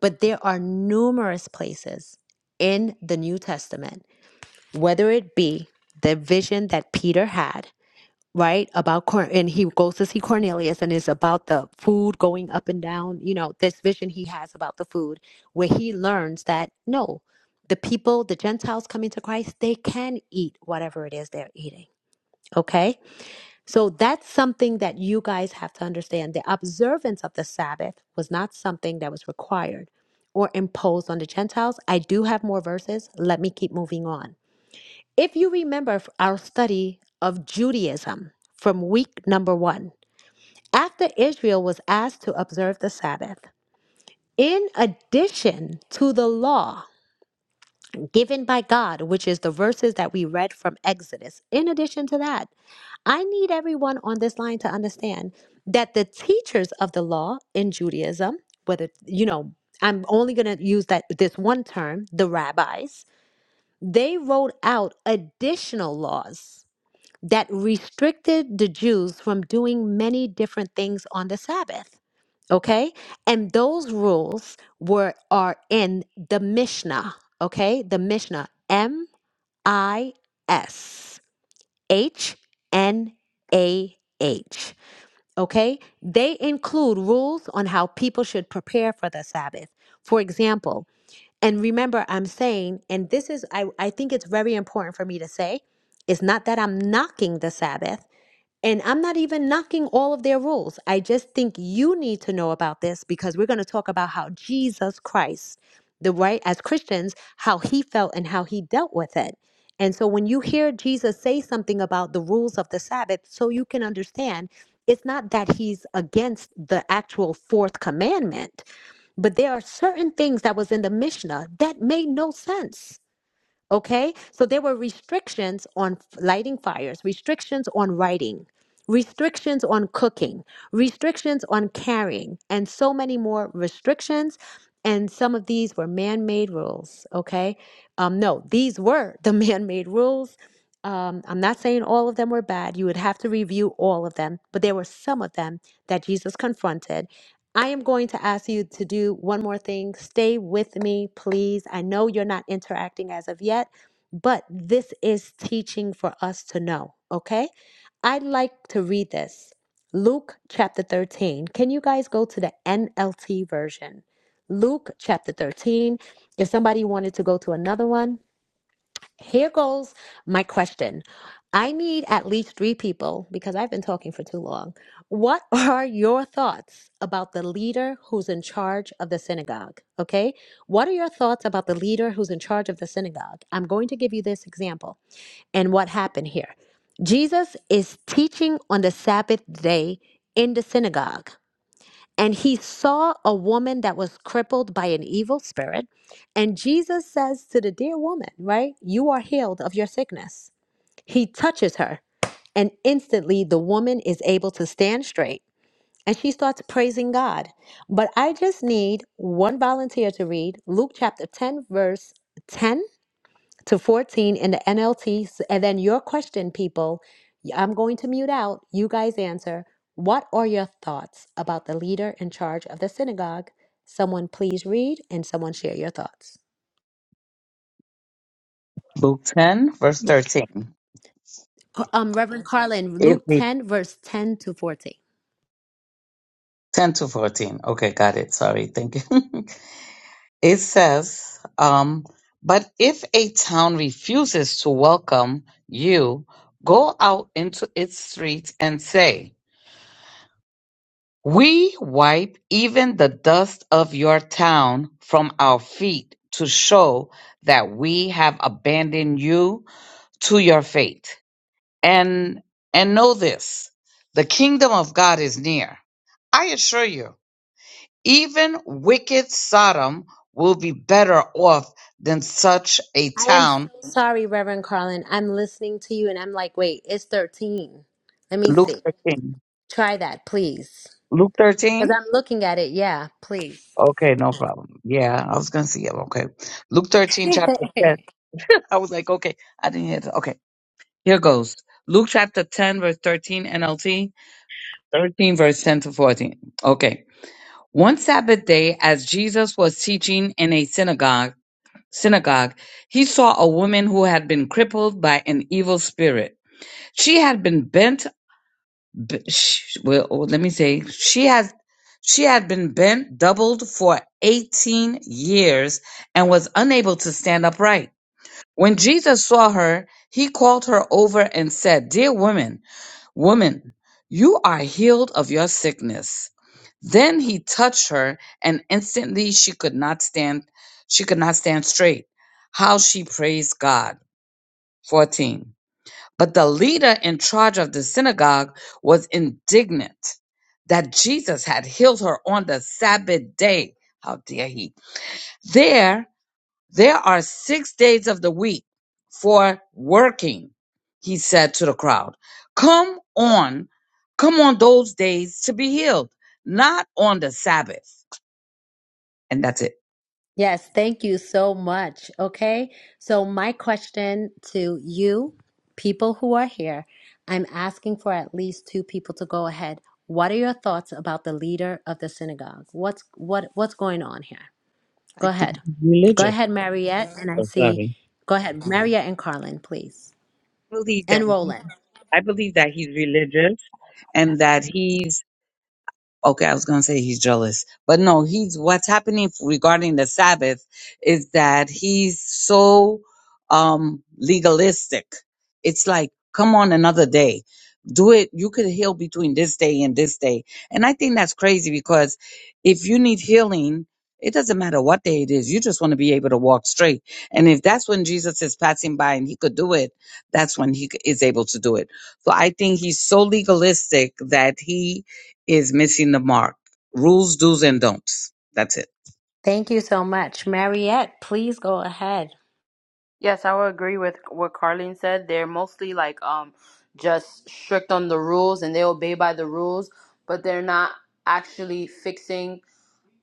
but there are numerous places in the New Testament, whether it be the vision that Peter had right? About Corn, and he goes to see Cornelius, and it's about the food going up and down. You know, this vision he has about the food, where he learns that no, the people, the Gentiles coming to Christ, they can eat whatever it is they're eating. Okay, so that's something that you guys have to understand. The observance of the Sabbath was not something that was required or imposed on the Gentiles. I do have more verses. Let me keep moving on. If you remember f- our study of Judaism from week number one, after Israel was asked to observe the Sabbath, in addition to the law given by God, which is the verses that we read from Exodus, in addition to that, I need everyone on this line to understand that the teachers of the law in Judaism, whether, you know, I'm only going to use that this one term, the rabbis, they wrote out additional laws that restricted the Jews from doing many different things on the Sabbath. Okay? And those rules were are in the Mishnah, okay? The Mishnah M I S H N A H. Okay? They include rules on how people should prepare for the Sabbath. For example, and remember I'm saying and this is I I think it's very important for me to say, it's not that I'm knocking the Sabbath and I'm not even knocking all of their rules. I just think you need to know about this because we're going to talk about how Jesus Christ, the right, as Christians, how he felt and how he dealt with it. And so when you hear Jesus say something about the rules of the Sabbath, so you can understand, it's not that he's against the actual fourth commandment, but there are certain things that was in the Mishnah that made no sense Okay, so there were restrictions on f- lighting fires, restrictions on writing, restrictions on cooking, restrictions on carrying, and so many more restrictions. And some of these were man made rules. Okay, um, no, these were the man made rules. Um, I'm not saying all of them were bad. You would have to review all of them, but there were some of them that Jesus confronted I am going to ask you to do one more thing. Stay with me, please. I know you're not interacting as of yet, but this is teaching for us to know, okay? I'd like to read this Luke chapter 13. Can you guys go to the NLT version? Luke chapter 13. If somebody wanted to go to another one, here goes my question. I need at least three people because I've been talking for too long. What are your thoughts about the leader who's in charge of the synagogue? Okay. What are your thoughts about the leader who's in charge of the synagogue? I'm going to give you this example and what happened here. Jesus is teaching on the Sabbath day in the synagogue and he saw a woman that was crippled by an evil spirit. And Jesus says to the dear woman, right, you are healed of your sickness. He touches her, and instantly the woman is able to stand straight and she starts praising God. But I just need one volunteer to read Luke chapter 10, verse 10 to 14 in the NLT. And then your question, people, i I'm going to mute out. You guys answer. What are your thoughts about the leader in charge of the synagogue? Someone please read and someone share your thoughts.
Luke 10, verse 13.
Uh, Um, Reverend Carlin,
If
Luke
we
10, verse 10 to 14.
10 to 14. Okay, got it. Sorry. Thank you. It says, um, but if a town refuses to welcome you, go out into its streets and say, We wipe even the dust of your town from our feet to show that we have abandoned you to your fate. And and know this, the kingdom of God is near. I assure you. Even wicked Sodom will be better off than such a
I am
town.
so sorry, Reverend Carlin. I'm listening to you and I'm like, wait, it's 13. Let me
Luke
see.
13.
Try that, please.
Luke 13?
Because I'm looking at it. Yeah, please.
Okay, no problem. Yeah, I was going to see it. Okay. Luke 13, chapter 10. I was like, okay, I didn't hear that. Okay, here goes. Luke chapter 10, verse 13, NLT. 13, verse 10 to 14. Okay. One Sabbath day, as Jesus was teaching in a synagogue, synagogue, he saw a woman who had been crippled by an evil spirit. She had been bent. b- sh- Well, oh, let me say, she had she had been bent, doubled for eighteen years, and was unable to stand upright. When Jesus saw her, he called her over and said, "Dear woman, woman, you are healed of your sickness." Then he touched her, and instantly she could not stand. She could not stand straight. How she praised God. Fourteen. But the leader in charge of the synagogue was indignant that Jesus had healed her on the Sabbath day. How dare he? There, there are six days of the week for working, he said to the crowd. Come on, come on those days to be healed, not on the Sabbath and that's it.
Yes, thank you so much. Okay, so my question to you, people who are here, I'm asking for at least two people to go ahead. What are your thoughts about the leader of the synagogue? What's what what's going on here?
I
Go
think
ahead.
he's
Go
religious.
ahead, Mariette, and I
So
see.
sorry.
Go ahead, Mariette and Carlin, please,
I believe that
and
he,
Roland.
I believe that he's religious and that he's Okay, I was going to say he's jealous, but no, he's what's happening regarding the Sabbath is that he's so um legalistic. It's like, come on another day. Do it. You could heal between this day and this day. And I think that's crazy because if you need healing, it doesn't matter what day it is. You just want to be able to walk straight. And if that's when Jesus is passing by and he could do it, that's when he is able to do it. So I think he's so legalistic that he is missing the mark. Rules, do's, and don'ts. That's it.
Thank you so much, Mariette. Please go ahead.
Yes, I would agree with what Carlene said. They're mostly like um just strict on the rules and they obey by the rules, but they're not actually fixing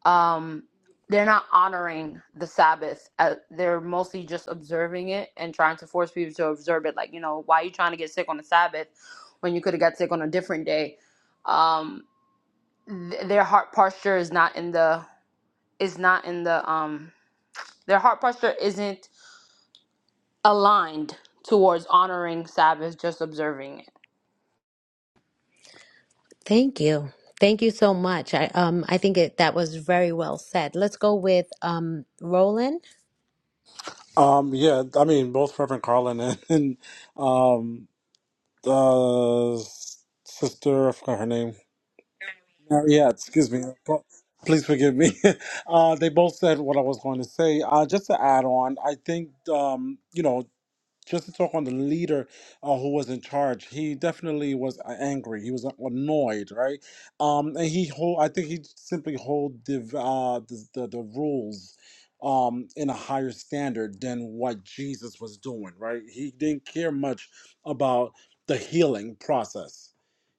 um they're not honoring the sabbath uh, they're mostly just observing it and trying to force people to observe it like you know why are you trying to get sick on the sabbath when you could have got sick on a different day um th- their heart posture is not in the is not in the um their heart posture isn't aligned towards honoring sabbath just observing it
Thank you. Thank you so much. I um I think it, that was very well said. Let's go with um Roland.
Um, yeah, I mean, both Reverend Carlin and, and um, the sister, I forgot her name. Uh, yeah, excuse me. P- Please forgive me. Uh, they both said what I was going to say. Uh, just to add on, I think, um, you know, just to talk on the leader uh, who was in charge, he definitely was a- angry. He was uh, annoyed, right? Um, and he hold, I think he simply hold the, v- uh, the, the, the rules um, in a higher standard than what Jesus was doing, right? He didn't care much about the healing process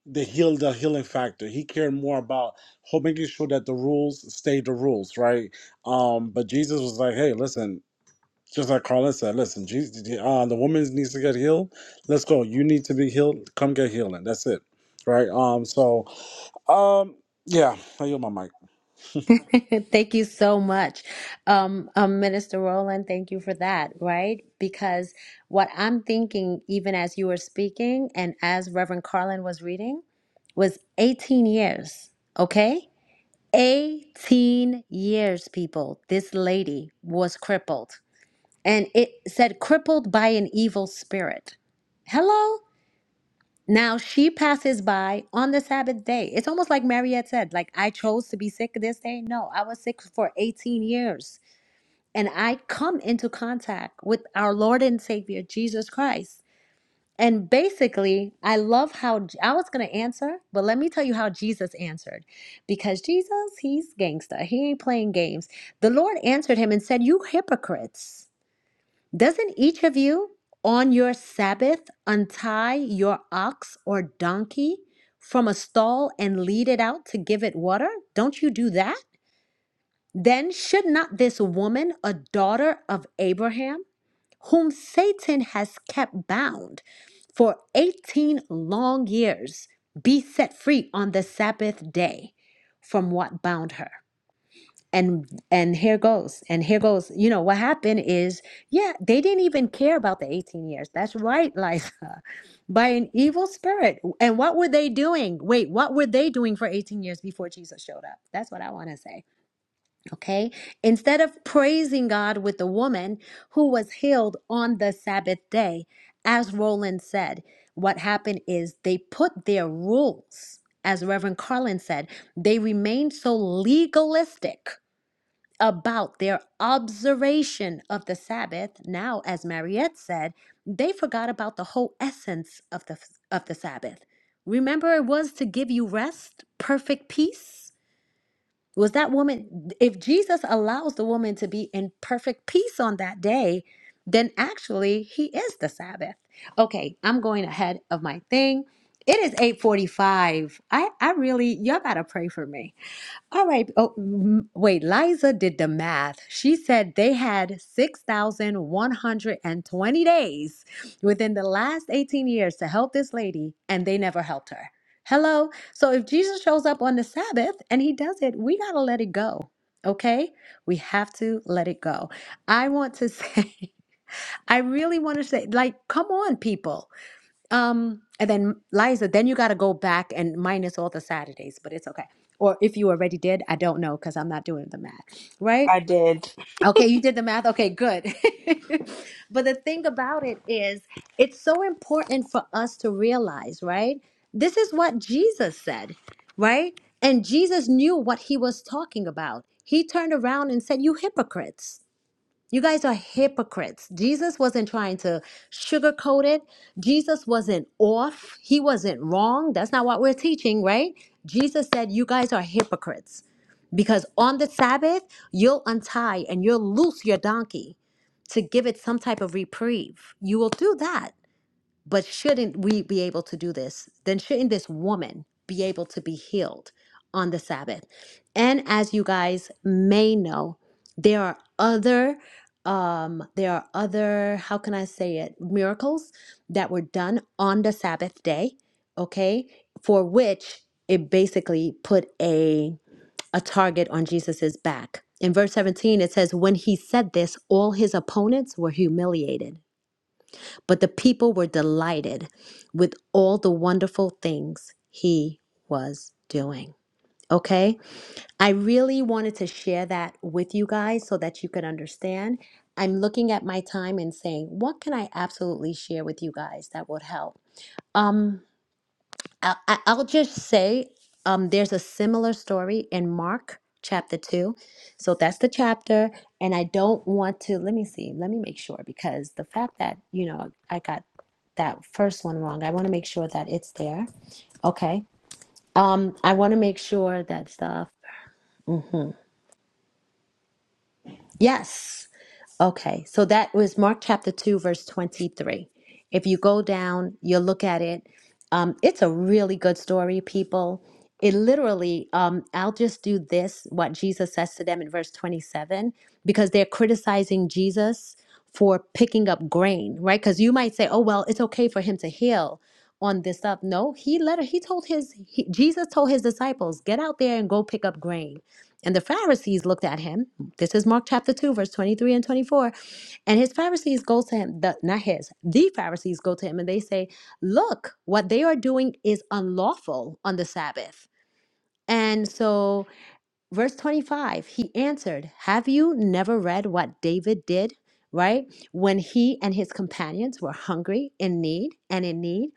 the heal the healing factor. He cared more about ho- making sure that the rules stayed the rules, right? Um, but Jesus was like, "Hey, listen." Just like Carlin said, listen, Jesus, uh, the woman needs to get healed. Let's go. You need to be healed. Come get healing. That's it, right? Um. So, um. Yeah. I yield my mic.
thank you so much. Um, um Minister Roland, thank you for that, right? Because what I'm thinking even as you were speaking and as Reverend Carlin was reading was 18 years, okay? 18 years people. This lady was crippled. And it said crippled by an evil spirit. Hello? Now she passes by on the Sabbath day. It's almost like Mariette said, like I chose to be sick this day. No, I was sick for 18 years. And I come into contact with our Lord and Savior Jesus Christ. And basically, I love how I was going to answer, but let me tell you how Jesus answered. Because Jesus, he's gangster. He ain't playing games. The Lord answered him and said, "You hypocrites." Doesn't each of you on your Sabbath untie your ox or donkey from a stall and lead it out to give it water? Don't you do that? Then should not this woman, a daughter of Abraham, whom Satan has kept bound for 18 long years, be set free on the Sabbath day from what bound her? and and here goes and here goes you know what happened is yeah they didn't even care about the 18 years that's right liza by an evil spirit and what were they doing wait what were they doing for 18 years before jesus showed up that's what i want to say okay instead of praising god with the woman who was healed on the sabbath day as roland said what happened is they put their rules as reverend carlin said they remained so legalistic about their observation of the Sabbath. Now, as Mariette said, they forgot about the whole essence of the of the Sabbath. Remember, it was to give you rest, perfect peace. Was that woman? If Jesus allows the woman to be in perfect peace on that day, then actually he is the Sabbath. Okay, I'm going ahead of my thing. It is 8:45. I I really y'all gotta pray for me. All right. Oh, m- wait. Liza did the math. She said they had 6,120 days within the last 18 years to help this lady, and they never helped her. Hello? So if Jesus shows up on the Sabbath and he does it, we got to let it go. Okay? We have to let it go. I want to say, I really want to say, like, come on, people. Um, and then Liza, then you got to go back and minus all the Saturdays, but it's okay. Or if you already did, I don't know because I'm not doing the math, right?
I did.
Okay, you did the math. Okay, good. but the thing about it is, it's so important for us to realize, right? This is what Jesus said, right? And Jesus knew what he was talking about. He turned around and said, You hypocrites you guys are hypocrites. Jesus wasn't trying to sugarcoat it. Jesus wasn't off. He wasn't wrong. That's not what we're teaching, right? Jesus said, You guys are hypocrites because on the Sabbath, you'll untie and you'll loose your donkey to give it some type of reprieve. You will do that. But shouldn't we be able to do this? Then shouldn't this woman be able to be healed on the Sabbath? And as you guys may know, there are other um there are other how can I say it miracles that were done on the Sabbath day, okay? For which it basically put a a target on Jesus's back. In verse 17 it says when he said this all his opponents were humiliated but the people were delighted with all the wonderful things he was doing. Okay? I really wanted to share that with you guys so that you could understand. I'm looking at my time and saying, what can I absolutely share with you guys that would help? Um, I, I- I'll just say um, there's a similar story in Mark chapter 2. So that's the chapter. And I don't want to, let me see, let me make sure because the fact that, you know, I got that first one wrong. I want to make sure that it's there. Okay. Um, I want to make sure that stuff. hmm Yes. Okay, so that was Mark chapter 2, verse 23. If you go down, you look at it. Um, it's a really good story, people. It literally, um, I'll just do this, what Jesus says to them in verse 27, because they're criticizing Jesus for picking up grain, right? Because you might say, oh, well, it's okay for him to heal on this stuff. No, he let he told his, he, Jesus told his disciples, get out there and go pick up grain. And the Pharisees looked at him this is Mark chapter 2, verse 23 and 24. And his Pharisees go to him, the, not his, the Pharisees go to him and they say, Look, what they are doing is unlawful on the Sabbath. And so verse 25 he answered have you never read what david did right when he and his companions were hungry in need and in need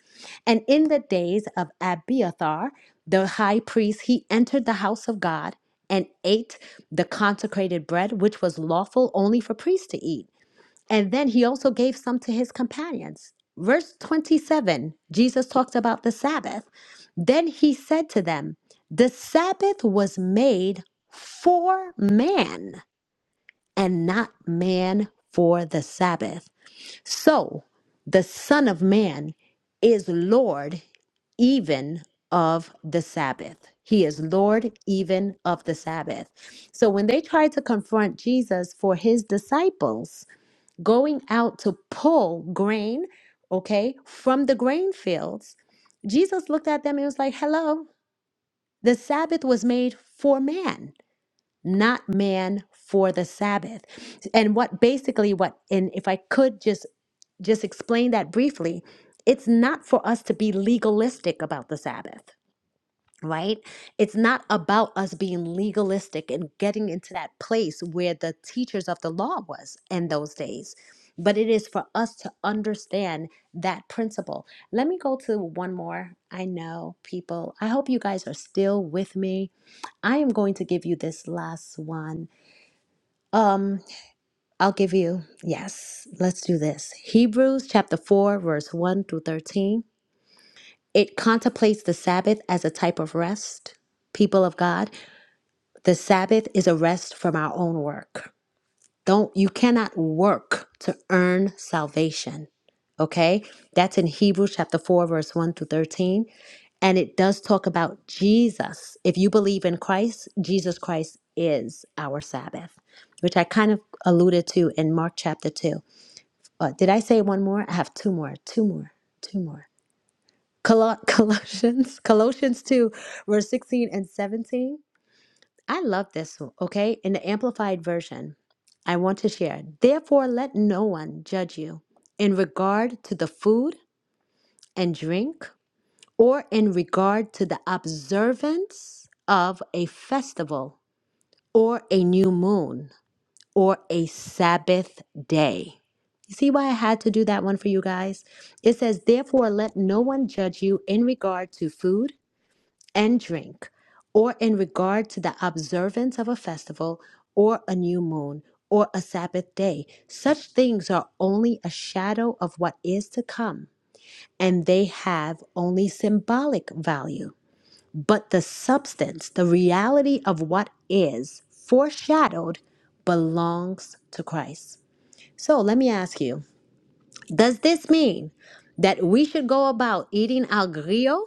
and in the days of abiathar the high priest he entered the house of god and ate the consecrated bread which was lawful only for priests to eat and then he also gave some to his companions. Verse 27, Jesus talks about the Sabbath. Then he said to them, The Sabbath was made for man and not man for the Sabbath. So the Son of Man is Lord even of the Sabbath. He is Lord even of the Sabbath. So when they tried to confront Jesus for his disciples, going out to pull grain, okay, from the grain fields, Jesus looked at them and was like, Hello, the Sabbath was made for man, not man for the Sabbath. And what basically what, and if I could just just explain that briefly, it's not for us to be legalistic about the Sabbath right? It's not about us being legalistic and getting into that place where the teachers of the law was in those days, but it is for us to understand that principle. Let me go to one more. I know people, I hope you guys are still with me. I am going to give you this last one. Um, I'll give you, yes, let's do this. Hebrews chapter 4, verse 1 through 13. It contemplates the Sabbath as a type of rest, people of God. The Sabbath is a rest from our own work. Don't you cannot work to earn salvation. Okay? That's in Hebrews chapter 4 verse 1 through 13 and it does talk about Jesus. If you believe in Christ, Jesus Christ is our Sabbath, which I kind of alluded to in Mark chapter 2. Uh, did I say one more? I have two more, two more, two more. Colo- Colossians, Colossians 2, verse 16 and 17. I love this, okay? In the amplified version, I want to share. Therefore, let no one judge you in regard to the food and drink or in regard to the observance of a festival or a new moon or a Sabbath day. You see why I had to do that one for you guys? It says, Therefore, let no one judge you in regard to food and drink, or in regard to the observance of a festival, or a new moon, or a Sabbath day. Such things are only a shadow of what is to come, and they have only symbolic value. But the substance, the reality of what is foreshadowed, belongs to Christ. So let me ask you does this mean that we should go about eating our griot?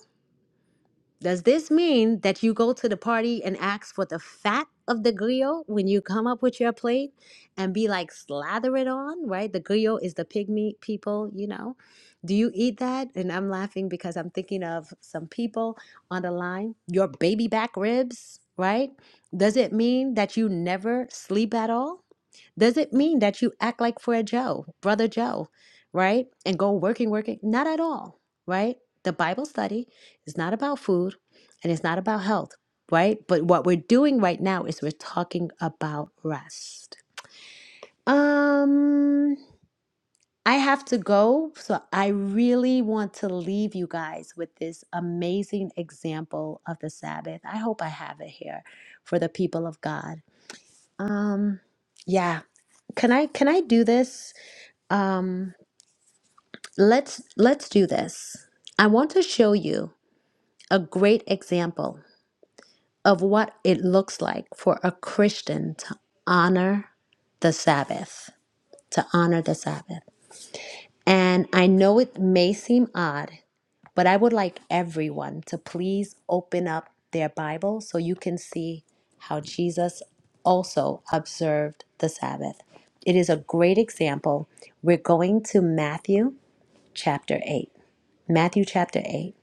Does this mean that you go to the party and ask for the fat of the griot when you come up with your plate and be like, slather it on, right? The griot is the pig meat people, you know. Do you eat that? And I'm laughing because I'm thinking of some people on the line, your baby back ribs, right? Does it mean that you never sleep at all? Does it mean that you act like Fred Joe, Brother Joe, right? And go working, working? Not at all, right? The Bible study is not about food and it's not about health, right? But what we're doing right now is we're talking about rest. Um, I have to go. So I really want to leave you guys with this amazing example of the Sabbath. I hope I have it here for the people of God. Um, yeah. Can I can I do this? Um, let's let's do this. I want to show you a great example of what it looks like for a Christian to honor the Sabbath, to honor the Sabbath. And I know it may seem odd, but I would like everyone to please open up their Bible so you can see how Jesus also observed the Sabbath. It is a great example. We're going to Matthew chapter 8. Matthew chapter 8.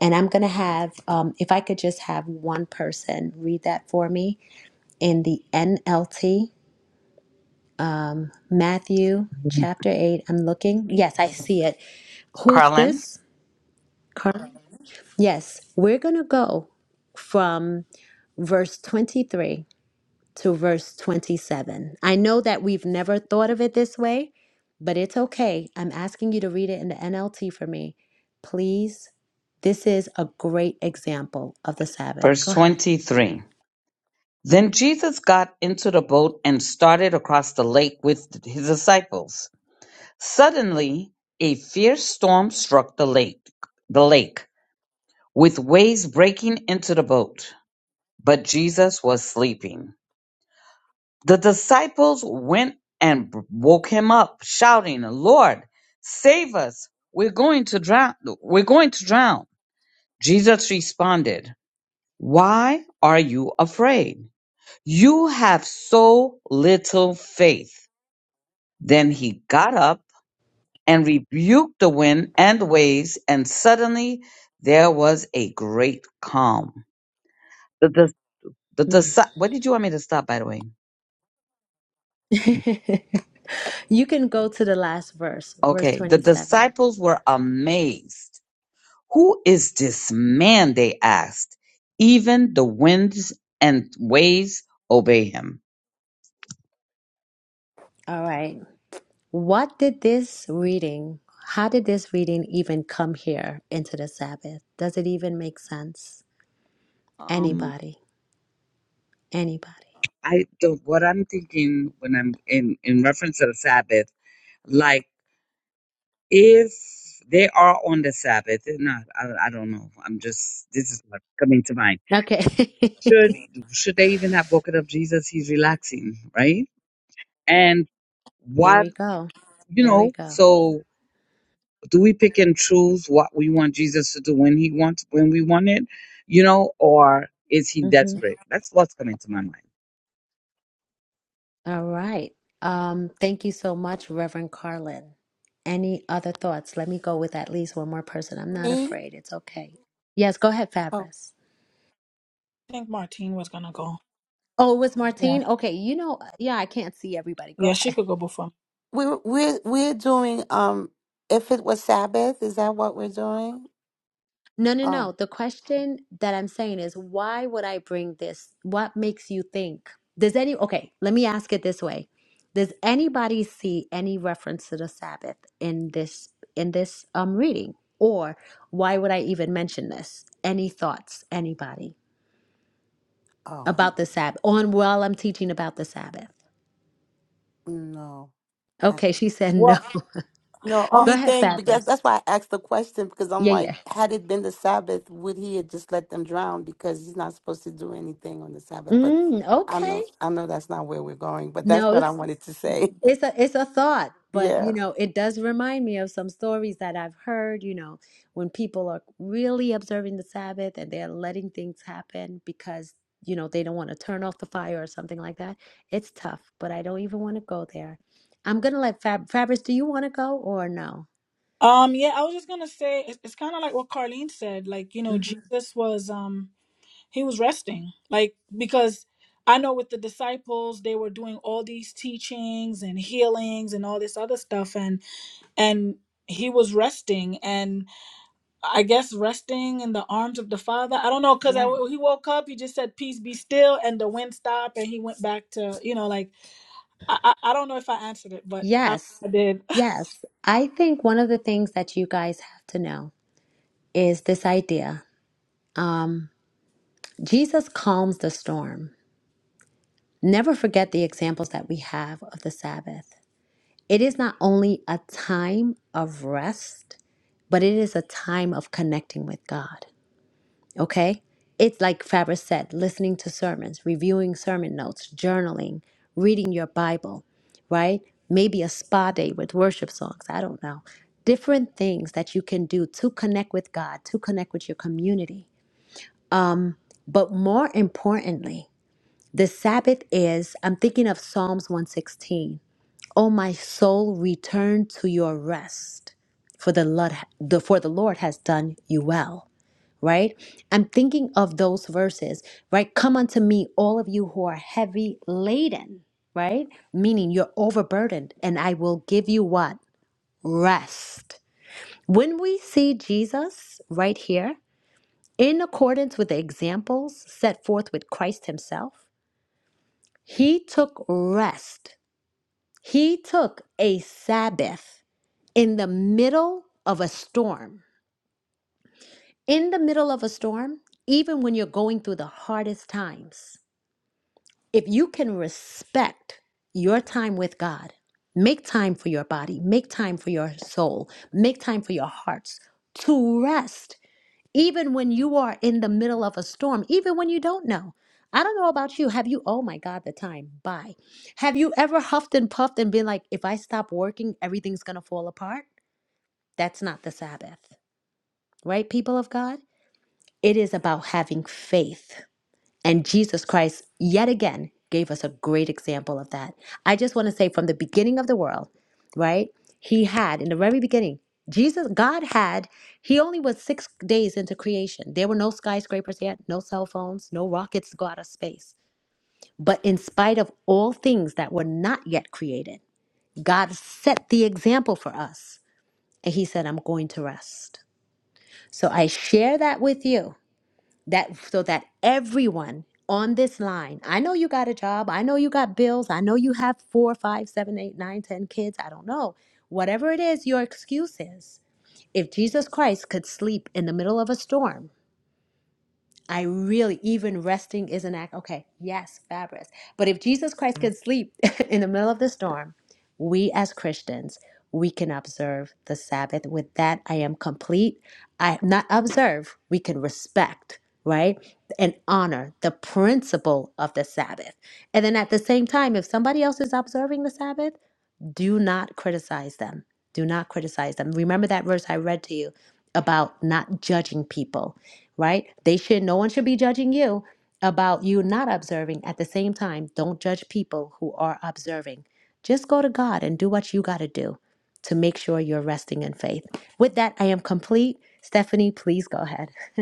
And I'm going to have, um, if I could just have one person read that for me in the NLT, Matthew chapter 8. I'm looking. Yes, I see it. Who's
Carlin,
this? Carmen? Yes, we're going to go from verse 23 to verse 27. I know that we've never thought of it this way, but it's okay. I'm asking you to read it in the NLT for me. Please, this is a great example of the Sabbath.
verse
Go ahead.
23. Then Jesus got into the boat and started across the lake with his disciples. Suddenly, a fierce storm struck the lake, the lake, with waves breaking into the boat, but Jesus was sleeping. The disciples went and woke him up, shouting, "Lord, save us! We're going to drown! We're going to drown!" Jesus responded, Why are you afraid? You have so little faith. Then he got up and rebuked the wind and waves, and suddenly there was a great calm. The, the, the,
Mm.
disci- what did you want me to stop, by the way?
You can go to the last verse, verse
Okay, the
27.
disciples were amazed. Who is this man? They asked. Even the winds and waves obey him.
All right. What did this reading, how did this reading even come here into the Sabbath? Does it even make sense?
Um,
Anybody? Anybody?
I don't, what I'm thinking when I'm in, in reference to the Sabbath, like if they are on the Sabbath, they're not, I, I don't know. I'm just, this is what's coming to mind.
Okay.
Should, should they even have woken up Jesus? He's relaxing, right? And
there
what,
we go.
you
There we
know,
go.
so do we pick and choose what we want Jesus to do when he wants, when we want it, you know, or is he
Mhm.
desperate? That's what's coming to my mind.
All right. Um, thank you so much, Reverend Carlin. Any other thoughts? Let me go with at least one more person. I'm not
Me?
afraid. It's okay. Yes, go ahead, Fabrice.
I think Martine was gonna go
Oh, it was
yeah
Martine? Okay, you know, yeah, I can't see everybody. Go
yeah she
ahead.
could go before me
We're we're we're doing um if it was Sabbath, is that what we're doing?
No, no,
Oh.
no. The question that I'm saying is why would I bring this? What makes you think? Does any, okay, let me ask it this way. Does anybody see any reference to the Sabbath in this in this um reading? Or why would I even mention this? Any thoughts, anybody
Oh.
about the Sabbath? On while I'm teaching about the Sabbath.
No. I,
Okay, she said no.
well
No,
Go
only
ahead,
thing because
Fabrice.
that's why I asked the question because I'm
Yeah,
like,
yeah.
had it been the Sabbath, would he have just let them drown? Because he's not supposed to do anything on the Sabbath. But
Mm,
I
okay.
know, I know that's not where we're going. But that's
No,
what I
it's
wanted to say.
It's a it's a thought, but
yeah.
you know, it does remind me of some stories that I've heard, you know, when people are really observing the Sabbath and they're letting things happen because, you know, they don't want to turn off the fire or something like that. It's tough, but I don't even want to go there. I'm gonna let Fab Fabrice, do you want to go or no?
Um, yeah, I was just gonna say it's, it's kind of like what Carlene said. Like, you know,
Mhm.
Jesus was um he was resting, like because I know with the disciples they were doing all these teachings and healings and all this other stuff, and and he was resting, and I guess resting in the arms of the Father. I don't know because I
Yeah.
he woke up, he just said peace be still, and the wind stopped, and he went back to you know like I I, I don't know if I answered it, but I,
Yes.
I did.
Yes. I think one of the things that you guys have to know is this idea. Um, Jesus calms the storm. Never forget the examples that we have of the Sabbath. It is not only a time of rest, but it is a time of connecting with God. Okay? It's like Faber said listening to sermons, reviewing sermon notes, journaling, reading your Bible, right? Maybe a spa day with worship songs. I don't know. Different things that you can do to connect with God, to connect with your community. But more importantly, the Sabbath is, I'm thinking of Psalms 116. O my soul, return to your rest, for the Lord, the, for the Lord has done you well. Right? I'm thinking of those verses, right? Come unto me, all of you who are heavy laden, right? Meaning you're overburdened, and I will give you what? Rest. When we see Jesus right here, in accordance with the examples set forth with Christ Himself, He took rest He took a Sabbath in the middle of a storm. In the middle of a storm, even when you're going through the hardest times, if you can respect your time with God, make time for your body, make time for your soul, make time for your hearts to rest even when you are in the middle of a storm, even when you don't know. I don't know about you. Have you, oh my God, the time, bye. Have you ever huffed and puffed and been like, if I stop working, everything's going to fall apart? That's not the Sabbath, right, people of God? It is about having faith. And Jesus Christ, yet again, gave us a great example of that. I just want to say from the beginning of the world, right? He had, in the very beginning, Jesus, God had, he only was six days into creation. There were no skyscrapers yet, no cell phones, no rockets to go out of space. But in spite of all things that were not yet created, God set the example for us. And he said, I'm going to rest. So I share that with you that so that everyone on this line i know you got a job i know you got bills i know you have four five seven eight nine ten kids i don't know whatever it is your excuse is if jesus christ could sleep in the middle of a storm I really, even resting is an act. Okay, yes, fabulous. But if Jesus Christ could sleep in the middle of the storm, we as Christians, we can observe the Sabbath. With that, I am complete. I not observe, we can respect, right? And honor the principle of the Sabbath. And then at the same time, if somebody else is observing the Sabbath, do not criticize them. Do not criticize them. Remember that verse I read to you about not judging people, right? They should no one should be judging you about you not observing. At the same time, don't judge people who are observing. Just go to God and do what you got to do to make sure you're resting in faith. With that, I am complete. Stephanie, please go ahead.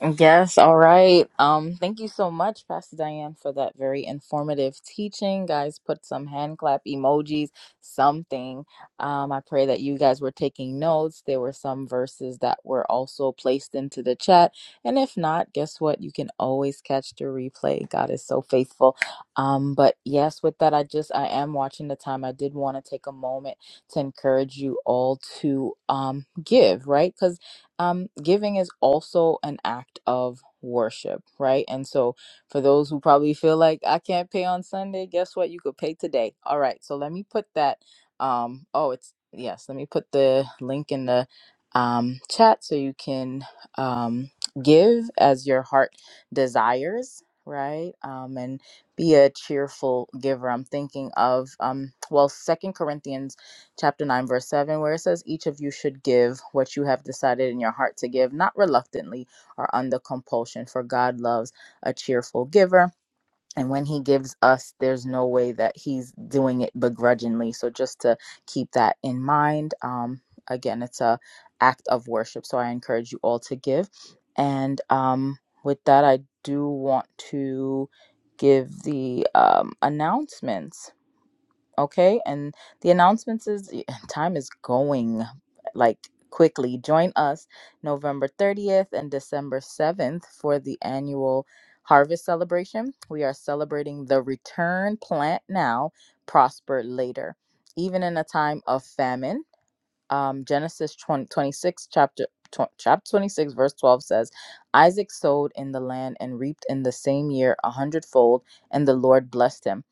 Yes, all right. Um, thank you so much, Pastor Diane, for that very informative teaching. Guys, put some hand clap emojis, something. Um, I pray that you guys were taking notes. There were some verses that were also placed into the chat. And if not, guess what? You can always catch the replay. God is so faithful. Um, but yes, with that, I just I am watching the time. I did want to take a moment to encourage you all to um give, right? um, giving is also an act of worship, right? And so, for those who probably feel like I can't pay on Sunday, guess what? You could pay today. All right. So let me put that. Um, oh, it's yes. Let me put the link in the um, chat so you can um, give as your heart desires, right? Um, and be a cheerful giver. I'm thinking of um, well, Second Corinthians chapter 9, verse 7, where it says, Each of you should give what you have decided in your heart to give, not reluctantly or under compulsion, for God loves a cheerful giver. And when he gives us, there's no way that he's doing it begrudgingly. So just to keep that in mind, um, again, it's a act of worship. So I encourage you all to give. And um, with that, I do want to give the um, announcements. Okay. And the announcements is time is going like quickly. Join us November 30th and December 7th for the annual harvest celebration. We are celebrating the return plant now, prosper later. Even in a time of famine, um, Genesis 20 26 chapter, tw- chapter 26, verse 12 says, Isaac sowed in the land and reaped in the same year a hundredfold, and the Lord blessed him.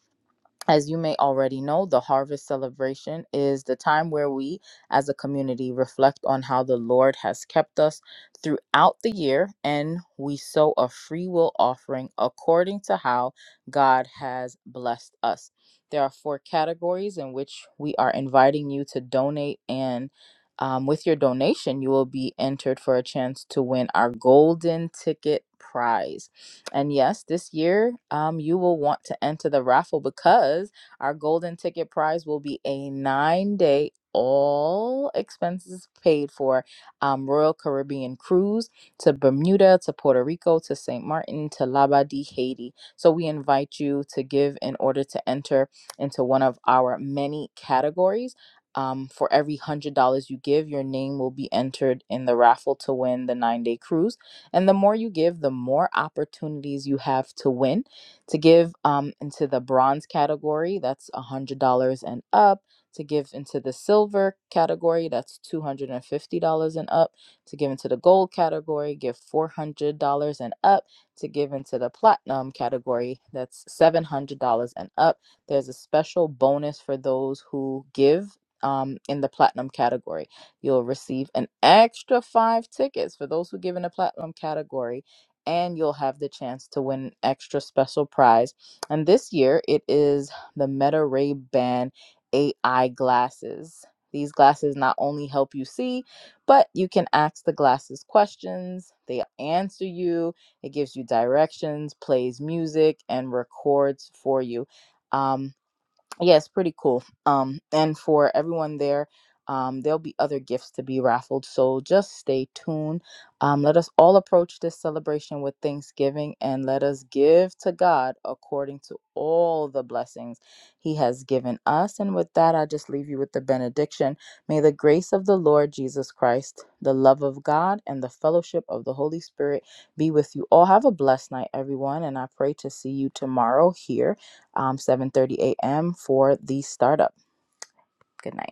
As you may already know, the harvest celebration is the time where we as a community reflect on how the Lord has kept us throughout the year and we sow a free will offering according to how God has blessed us. There are four categories in which we are inviting you to donate, and um, with your donation, you will be entered for a chance to win our golden ticket prize. And yes, this year um, you will want to enter the raffle because our golden ticket prize will be a nine day, all expenses paid for um, Royal Caribbean cruise to Bermuda, to Puerto Rico, to St. Martin, to Labadee, Haiti. So we invite you to give in order to enter into one of our many categories. Um, for every $100 you give, your name will be entered in the raffle to win the nine day cruise. And the more you give, the more opportunities you have to win. To give um, into the bronze category, that's $100 and up. To give into the silver category, that's $250 and up. To give into the gold category, give $400 and up. To give into the platinum category, that's $700 and up. There's a special bonus for those who give um, in the platinum category. You'll receive an extra five tickets for those who give in the platinum category, and you'll have the chance to win an extra special prize. And this year, it is the Meta Ray Ban AI glasses. These glasses not only help you see, but you can ask the glasses questions. They answer you. It gives you directions, plays music, and records for you. Um, yeah, it's pretty cool. Um, and for everyone there, um, there'll be other gifts to be raffled. So just stay tuned. Um, let us all approach this celebration with thanksgiving and let us give to God according to all the blessings He has given us. And with that, I just leave you with the benediction. May the grace of the Lord Jesus Christ, the love of God, and the fellowship of the Holy Spirit be with you all. Have a blessed night, everyone. And I pray to see you tomorrow here um, 7.30 a.m. for the startup. Good night.